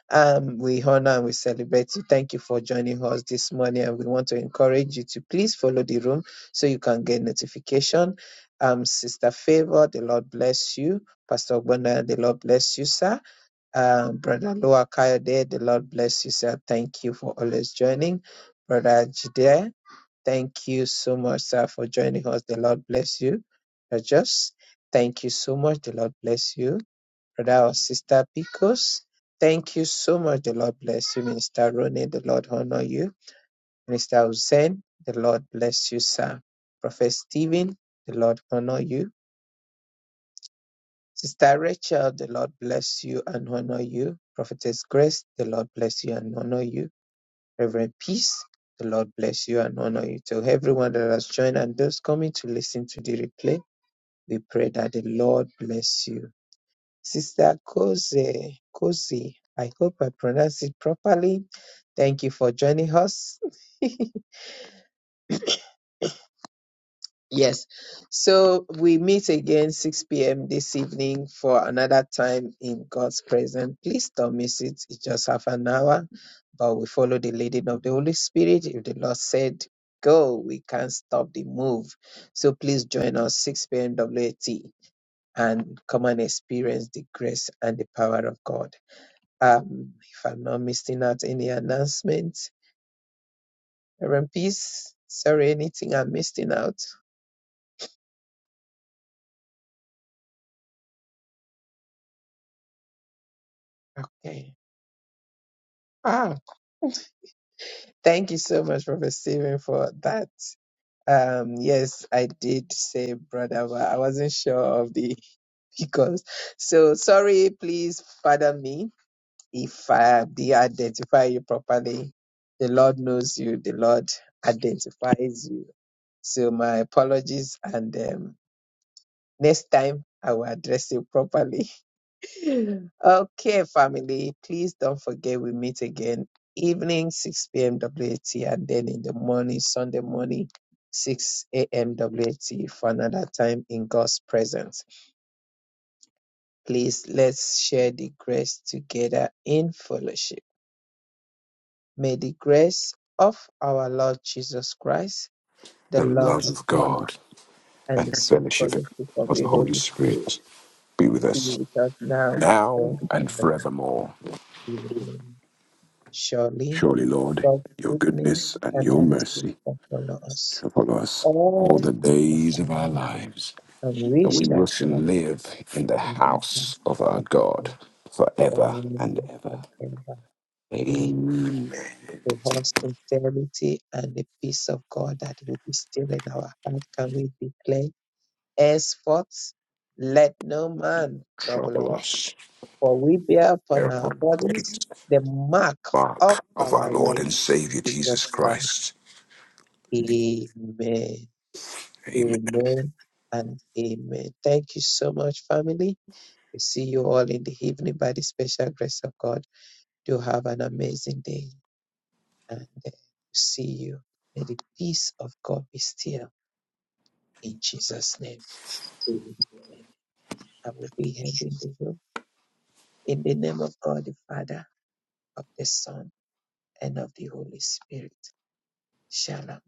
Um, we honor and we celebrate you. Thank you for joining us this morning. And we want to encourage you to please follow the room so you can get notification. Um, Sister Favor, the Lord bless you. Pastor Ogbonna, the Lord bless you, sir. Um, Brother Lua Kayode, the Lord bless you, sir. Thank you for always joining. Brother Jide, thank you so much, sir, for joining us. The Lord bless you. Brother Just, thank you so much. The Lord bless you. Brother or Sister Picos, thank you so much. The Lord bless you. Minister Rone, the Lord honor you. Minister Hussein, the Lord bless you, sir. Prophet Stephen, the Lord honor you. Sister Rachel, the Lord bless you and honor you. Prophetess Grace, the Lord bless you and honor you. Reverend Peace, the Lord bless you and honor you. To everyone that has joined and those coming to listen to the replay, we pray that the Lord bless you. Sister Koze, Kozi, I hope I pronounced it properly. Thank you for joining us. <laughs> Yes. So we meet again 6 p.m. this evening for another time in God's presence. Please don't miss it. It's just half an hour, but we follow the leading of the Holy Spirit. If the Lord said, Go, we can't stop the move. So please join us 6 p.m. WAT and come and experience the grace and the power of God. Um, if I'm not missing out any announcements, Reverend Peace, sorry, anything I'm missing out? Okay. Ah, Thank you so much, Prophet Stephen, for that. Um, yes, I did say brother, but I wasn't sure of the <laughs> because. So sorry, please pardon me if I did identify you properly. The Lord knows you. The Lord identifies you. So my apologies, and um, next time I will address you properly. Okay, family, please don't forget we meet again evening 6 p.m. WAT and then in the morning, Sunday morning, 6 a.m. WAT for another time in God's presence. Please let's share the grace together in fellowship. May the grace of our Lord Jesus Christ, the The love love of of God, God and and the the sweet fellowship fellowship of of the the Holy Holy Spirit Spirit be with be us with us now and now and forevermore. forevermore. Amen. Surely. Surely, Lord, God's your goodness goodness and and your mercy mercy shall follow us shall follow us all all the the days of days our of our life, lives, and we and we shall will shall dwell live in the in the house house of our of the God Lord forever forever and ever. and ever. Amen. Amen. The whole sincerity and the peace of God that will be still in our heart, can we declare? Henceforth, let no man trouble Trouble us, us. for we bear upon our thereupon, the bodies bodies the mark of mark our of our Lord Lord and Savior Jesus Jesus Christ. Christ. Amen. Amen. Amen and amen. Thank you so much, family. We see you all in the evening by the special grace of God. Do have an amazing day and uh, see you. May the peace of God be still in Jesus' name. Amen. I will be handing the room in the name of God the Father, of the Son, and of the Holy Spirit. Shalom.